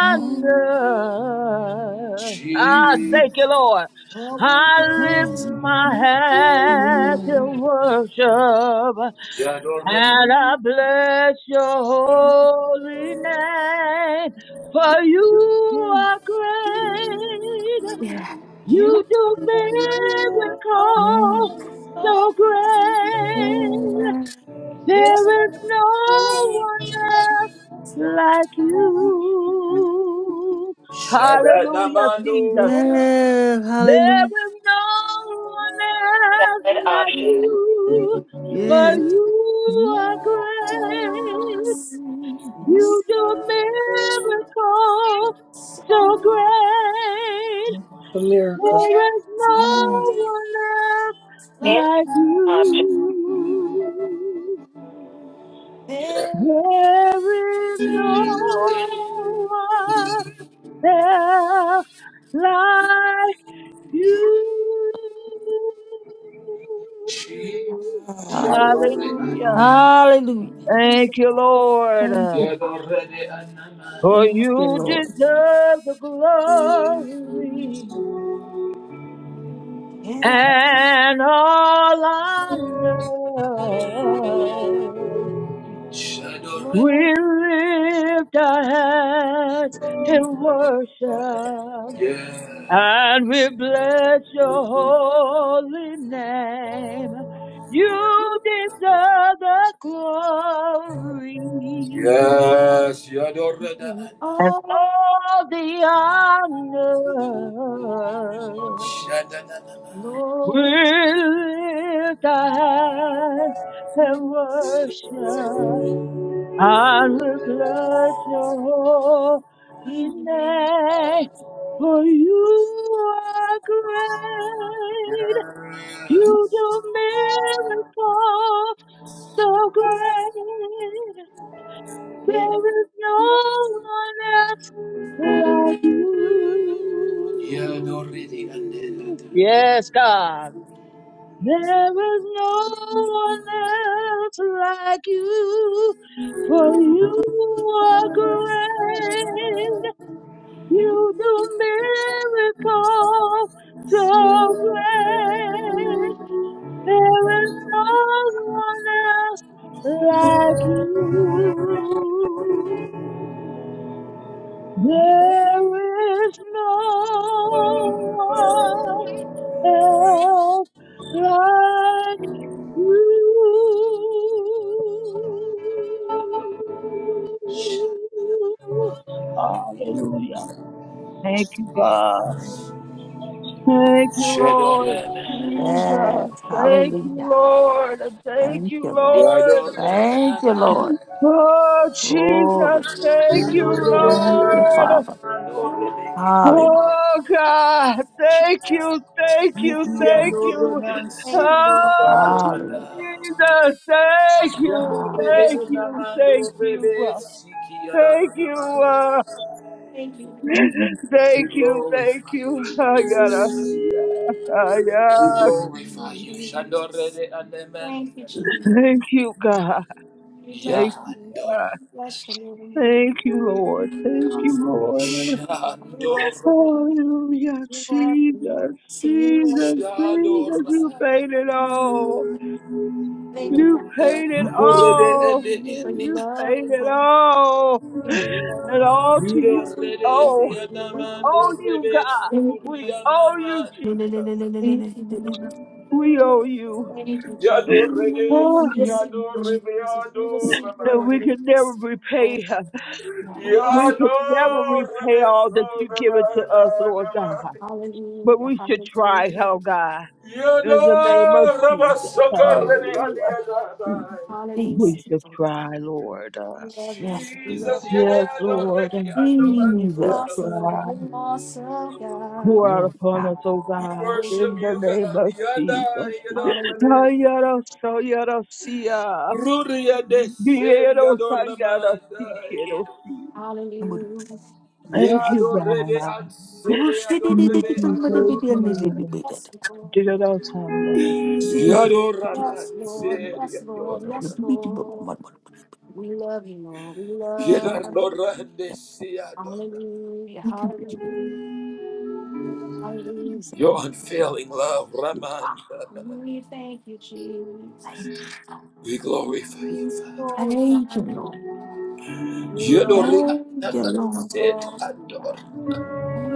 Oh, yeah. I thank you, Jesus, Lord. You are so I lift my hands in worship Yador and I bless your holy name. For you are great you do miracles Yeah. so great. this There is no one else like you. Hallelujah, Jesus. Shadadamandoria, Yeah. There Hallelujah. is no one Valid else like option. you. For you are Yes. great. you You do miracles so so great. For miracles. There is blessed no Yes. one else Thank like like you. yes, this There is no one else like you. Jesus, Yador Hallelujah. Hallelujah. you Thank you, Lord. Thank you, Father. Yadorede anamani. For Thank you, you Lord. deserve the glory. can't and all I know. Shadore- We Lord, lift our hands in worship and we bless your holy name. You deserve the glory and oh, all the honor. shadananama. Lord, we with thy hands and thank you. worship and will bless your holy do name. name. For you are great, Yadorede you do miracles so great. There is There is no no one else like like you. andelada. Yes, God. you. There is no one else like you, for you are great. You do miracles so great. There is no one else like you. There is no one else like Ooh. Hallelujah. Thank you, God. Thank you, Lord. Thank you, Jesus. Jesus. Yes. Thank you, Hallelujah. Lord. Thank Thank you, you, Lord. Lord. Thank you, Lord. Oh, Jesus. Glory. Thank you, Yadorede Thank you, ananana. Lord. Father. You're my Yadorede ki- Hallelujah. Oh God, thank Jesus. you, thank you, Niki thank you. yadoronansi. Thank you, Lord. Oh Yadore ana. Hallelujah. Jesus, thank you, Thank Yadorede you, thank Lord. you, anamando thank you, rebe uh, siki thank you, yadoronamando. uh, Thank you, thank We you, thank glorify you, you. Lord. I gotta, I We gotta you, glorify see. you. Shandor Jesus. Remandi. Thank you, Jesus. Thank you, God. We bless Yador. Thank you. God. We bless you. Lord. Thank you, Lord. You're Thank you, awesome. Lord. Lord. You're awesome. Shandor Lord. Hallelujah, You're awesome. Jesus, You're awesome. You're Jesus, awesome. Jesus, Jesus. you Shadora. paid it all. Thank you You for your love. paid it You go rede and all. the Thank you for your You India. love. paid it Lord. all. Thank you for your And love. all to You you don't we rede Thank and owe. you the for your We love. Anaman Lord. owe or you, God. Rebet Thank you for We your Sukuria owe you, love. Namadi. Jesus. Hallelujah. Thank you for your love. We owe you. Thank you, Jesus. Oh, We will see Yado you, Jesus. We will Rebeado see and we you, can never Lord. repay. We will We sing can Yado with never you. repay all Rebeso that you give it to Namada us, Lord God. But Hallelujah, we should try, oh hallelujah, God. Yado In the name of Jesus. Rabasoko Rede Hallelujah. Adiada. hallelujah. We Jesus. should Jesus. try, Lord. We love you, Yes, we Jesus. love Jesus, you. Yede Yes, Lord, Ado Lord. Reki We you're should Jesus. awesome, Anaman Lord, try. you're awesome, Pour God. out Yes, upon God. us, O We God, worship in Hallelujah, the you, name God. of Yada Jesus. hallelujah, Yado Ayara sayara siya. Diero sayara si quiero si. Thank you, hallelujah. Thank you, God. Lord. Thank you, Lord. Thank Thank you, you, Lord. thank Thank you, God. Yes, Lord, Diero sayara siya. yes, Lord, yes, Lord, yes, Lord. We love you, Lord, we love you. Rebe. Hallelujah, hallelujah, hallelujah. Your unfailing love, Raman. We thank you, Jesus. We glorify you, We Father. glorify you, Lord. You are Yodori awesome. Adama You Set are awesome, Ador. God.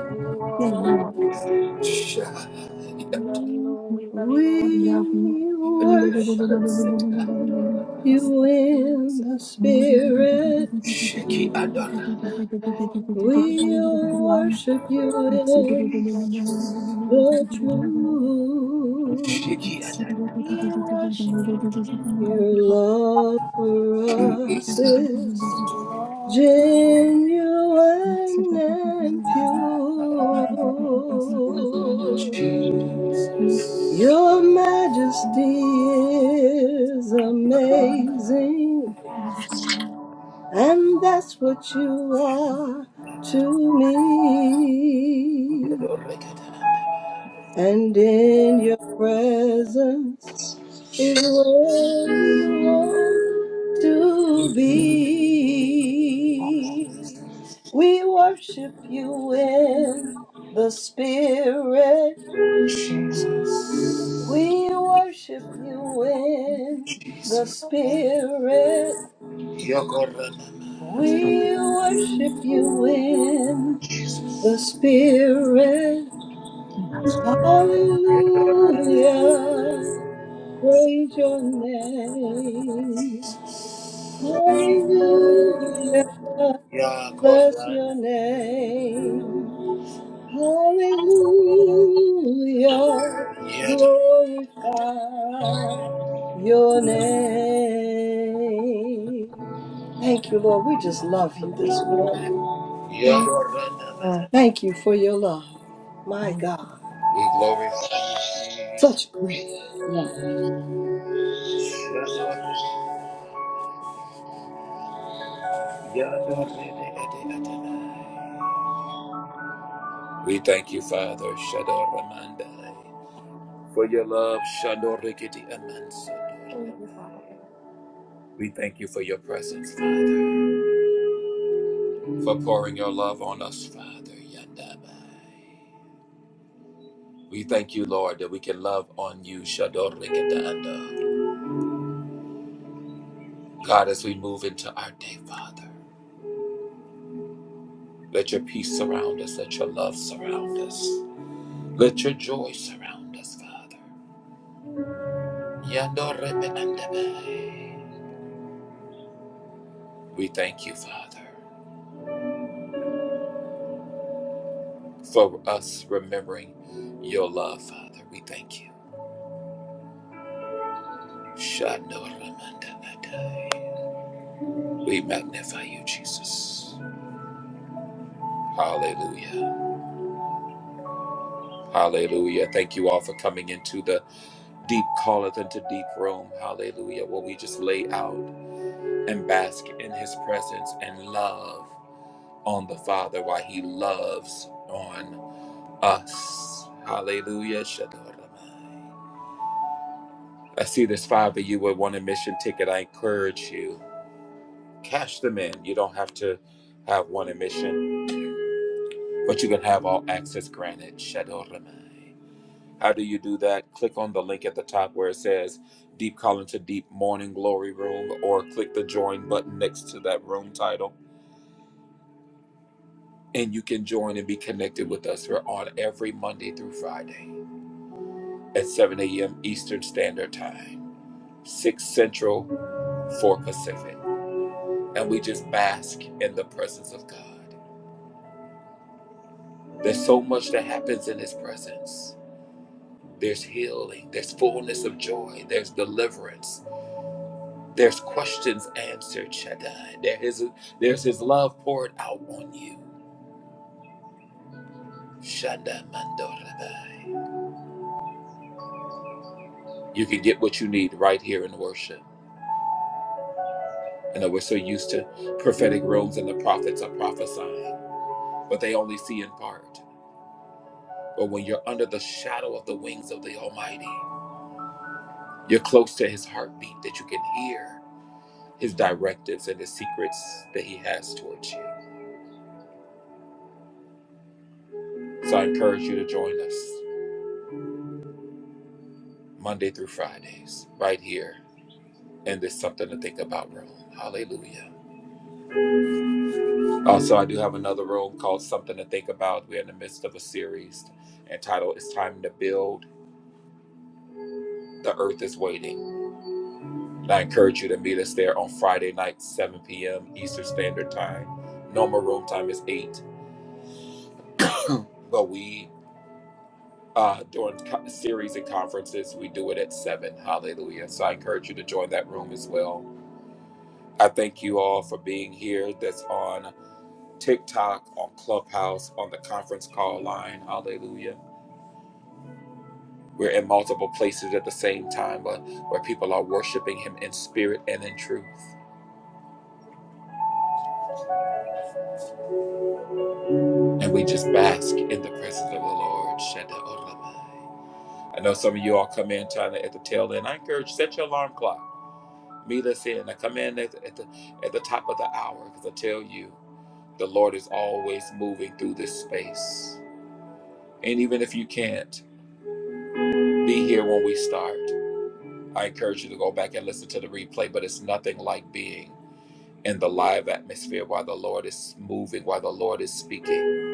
You are awesome. Shahadi We love you, Lord. you, We Invalid option. Lord. love you, We Lord. We We love love you, Lord. You worship Ador Set are awesome. you You are in awesome. the spirit. Sheki Ador. We praise you, Lord. Hallelujah. We'll worship you in You are true. the you. truth. Sheki Ador. We worship you in Your this. love for us is We love you. genuine and pure. Shalom, Your majesty is amazing, Ask. and that's what you are to me. Yodori Ador. And in your presence is where we want to be. We worship you in the spirit We worship you in the Jesus. Spirit. Yokorana. We worship you in the Spirit. Hallelujah. Praise your name. Hallelujah. Bless Yakorana. your name. Hallelujah, Yador. glorify your name. Thank you, Lord. We just love you Thank this you, morning. Yodorana. man. Thank you for your love. My God, Jesus. such great love. Yador. Yador. Ador. We thank you, Father. Shador Ramanda. for Father. your love. Shando Rikiti Amansando. Thank you, Father. We thank you for your presence, Father, for pouring your love on us, Father. Yandabai. We thank you, Lord, that we can love on you, Shando Rikiti Ando. God, as we move into our day, Father, let your peace surround us, let your love surround us, let your joy surround us, Father. Yando Rebe Andabai. We thank you, Father, for us remembering your love, Father. We thank you. Shando Ramanda Atai. We magnify you, Jesus. Hallelujah. Hallelujah. Thank you all for coming into the deep calleth into deep room. Hallelujah. Where we just lay out and bask in his presence and love on the Father while he loves on us. Hallelujah. Shando Ramai. I see there's five of you with one admission ticket. I encourage you. Cash them in. You don't have to have one admission but you can have all access granted. Shadow Ramai. How do you do that? Click on the link at the top where it says Deep Call to Deep Morning Glory Room, or click the join button next to that room title, and you can join and be connected with us. We're on every Monday through Friday at 7 a.m. Eastern Standard Time, 6 Central, 4 Pacific. And we just bask in the presence of God. There's so much that happens in His presence There's healing. There's fullness of joy. There's deliverance. There's questions answered, Shaddai. There is, there's His love poured out on you. Shanda Mandorabai. You can get what you need right here in worship. I know we're so used to prophetic rooms and the prophets are prophesying, but they only see in part. But when you're under the shadow of the wings of the Almighty, you're close to His heartbeat that you can hear His directives and His secrets that He has towards you. So I encourage you to join us Monday through Fridays right here in this Something to Think About room. Hallelujah. Also, I do have another room called Something to Think About. We're in the midst of a series entitled It's Time to Build. The Earth is Waiting. And I encourage you to meet us there on Friday night, 7 p.m. Eastern Standard Time. Normal room time is 8, but we uh, during co- series and conferences, we do it at 7. Hallelujah. So I encourage you to join that room as well I thank you all for being here that's on TikTok, on Clubhouse, on the conference call line. Hallelujah. We're in multiple places at the same time but where people are worshiping Him in spirit and in truth. And we just bask in the presence of the Lord. Shaddai Olamai. I know some of you all come in trying to at the tail end. I encourage you, set your alarm clock. Meet us in. I come in at, the, at the at the top of the hour because I tell you, the Lord is always moving through this space. And even if you can't, be here when we start. I encourage you to go back and listen to the replay, but it's nothing like being in the live atmosphere while the Lord is moving, while the Lord is speaking.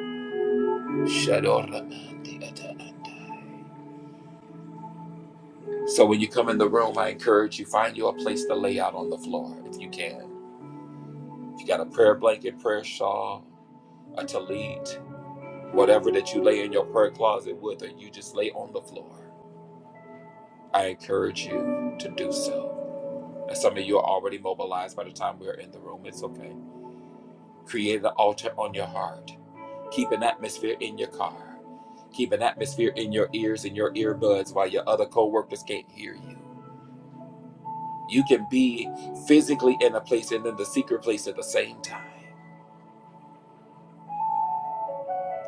So when you come in the room, I encourage you find you a place to lay out on the floor if you can. If you got a prayer blanket, prayer shawl, a tallit, whatever that you lay in your prayer closet with, or you just lay on the floor. I encourage you to do so. And some of you are already mobilized by the time we're in the room. It's okay. Create an altar on your heart. Keep an atmosphere in your car. Keep an atmosphere in your ears and your earbuds while your other co-workers can't hear you. You can be physically in a place and in the secret place at the same time.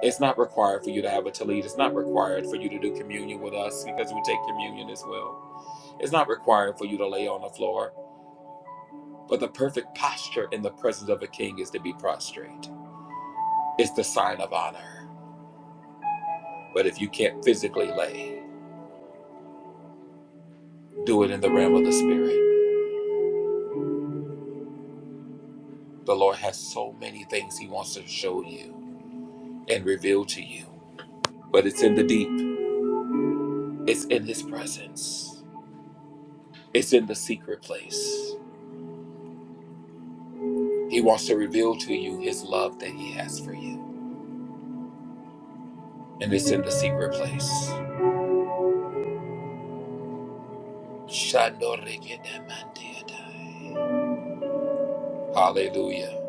It's not required for you to have a tallit. It's not required for you to do communion with us because we take communion as well. It's not required for you to lay on the floor. But the perfect posture in the presence of a king is to be prostrate. It's the sign of honor. But if you can't physically lay, do it in the realm of the spirit. The Lord has so many things He wants to show you and reveal to you, but it's in the deep, it's in His presence, it's in the secret place. He wants to reveal to you His love that He has for you, and it's in the secret place. Shandorikidemandiadai. Hallelujah.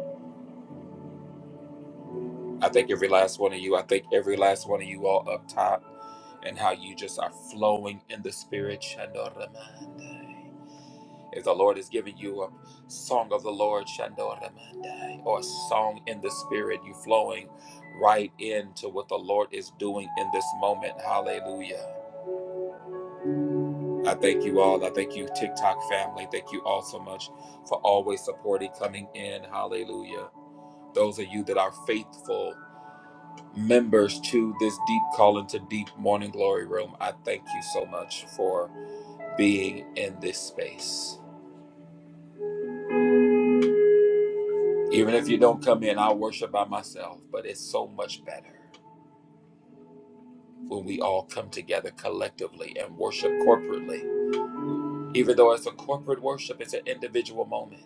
I thank every last one of you. I thank every last one of you all up top and how you just are flowing in the spirit. Shandoramandai. If the Lord is giving you a song of the Lord, Shandoramandai, or a song in the spirit, you flowing right into what the Lord is doing in this moment. Hallelujah. I thank you all. I thank you, TikTok family. Thank you all so much for always supporting, coming in. Hallelujah. Those of you that are faithful members to this deep call into deep morning glory room, I thank you so much for being in this space. Even if you don't come in, I'll worship by myself. But it's so much better when we all come together collectively and worship corporately. Even though it's a corporate worship, it's an individual moment.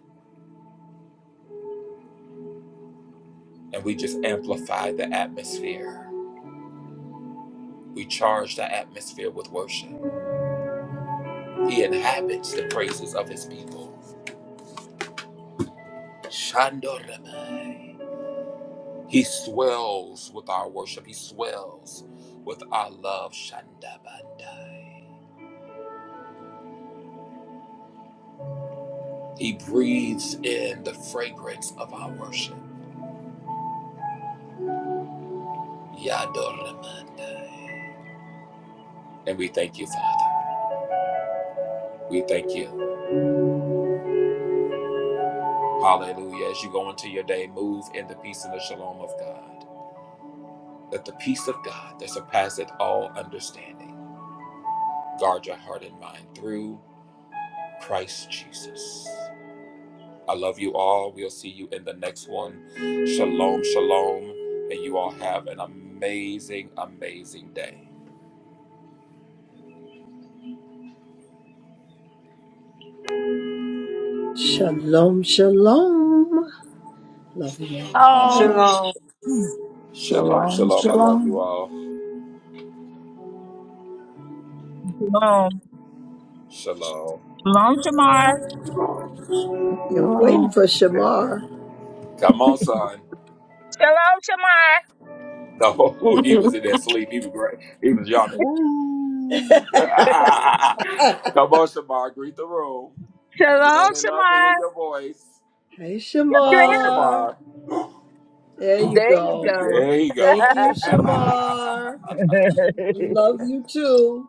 And we just amplify the atmosphere. We charge the atmosphere with worship. He inhabits the praises of his people. Shandoramai. He swells with our worship. He swells with our love. Shandabandai. He breathes in the fragrance of our worship. Yadoramandai. And we thank you, Father. We thank you. Hallelujah. As you go into your day, move in the peace and the shalom of God. Let the peace of God that surpasseth all understanding guard your heart and mind through Christ Jesus. I love you all. We'll see you in the next one. Shalom, shalom. And you all have an amazing, amazing day. Shalom, shalom. Love you all. of things On. that Shalom. Shalom, shalom, shalom. I love shalom. you all. Shalom. Shalom. Shalom, Shamar. Hey, we're waiting for Shamar. Come on, son. Shalom, Shamar. No, he was in that sleep. He was great. He was yawning. Woo. Come on, hey, Shamar, greet the room. You know Shalom, they love to hear Shamar. your voice. Come on, Sabrina. Shamar. Shamar. There you There you go. go. There you Thank go. you, Shamar. We love you too.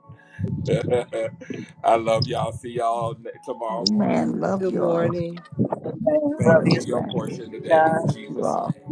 I love y'all. See y'all ne- tomorrow morning. Amen. Love Good you all. morning. Love Favor be Praise Love your God. portion you. today in Love you Jesus' all. name.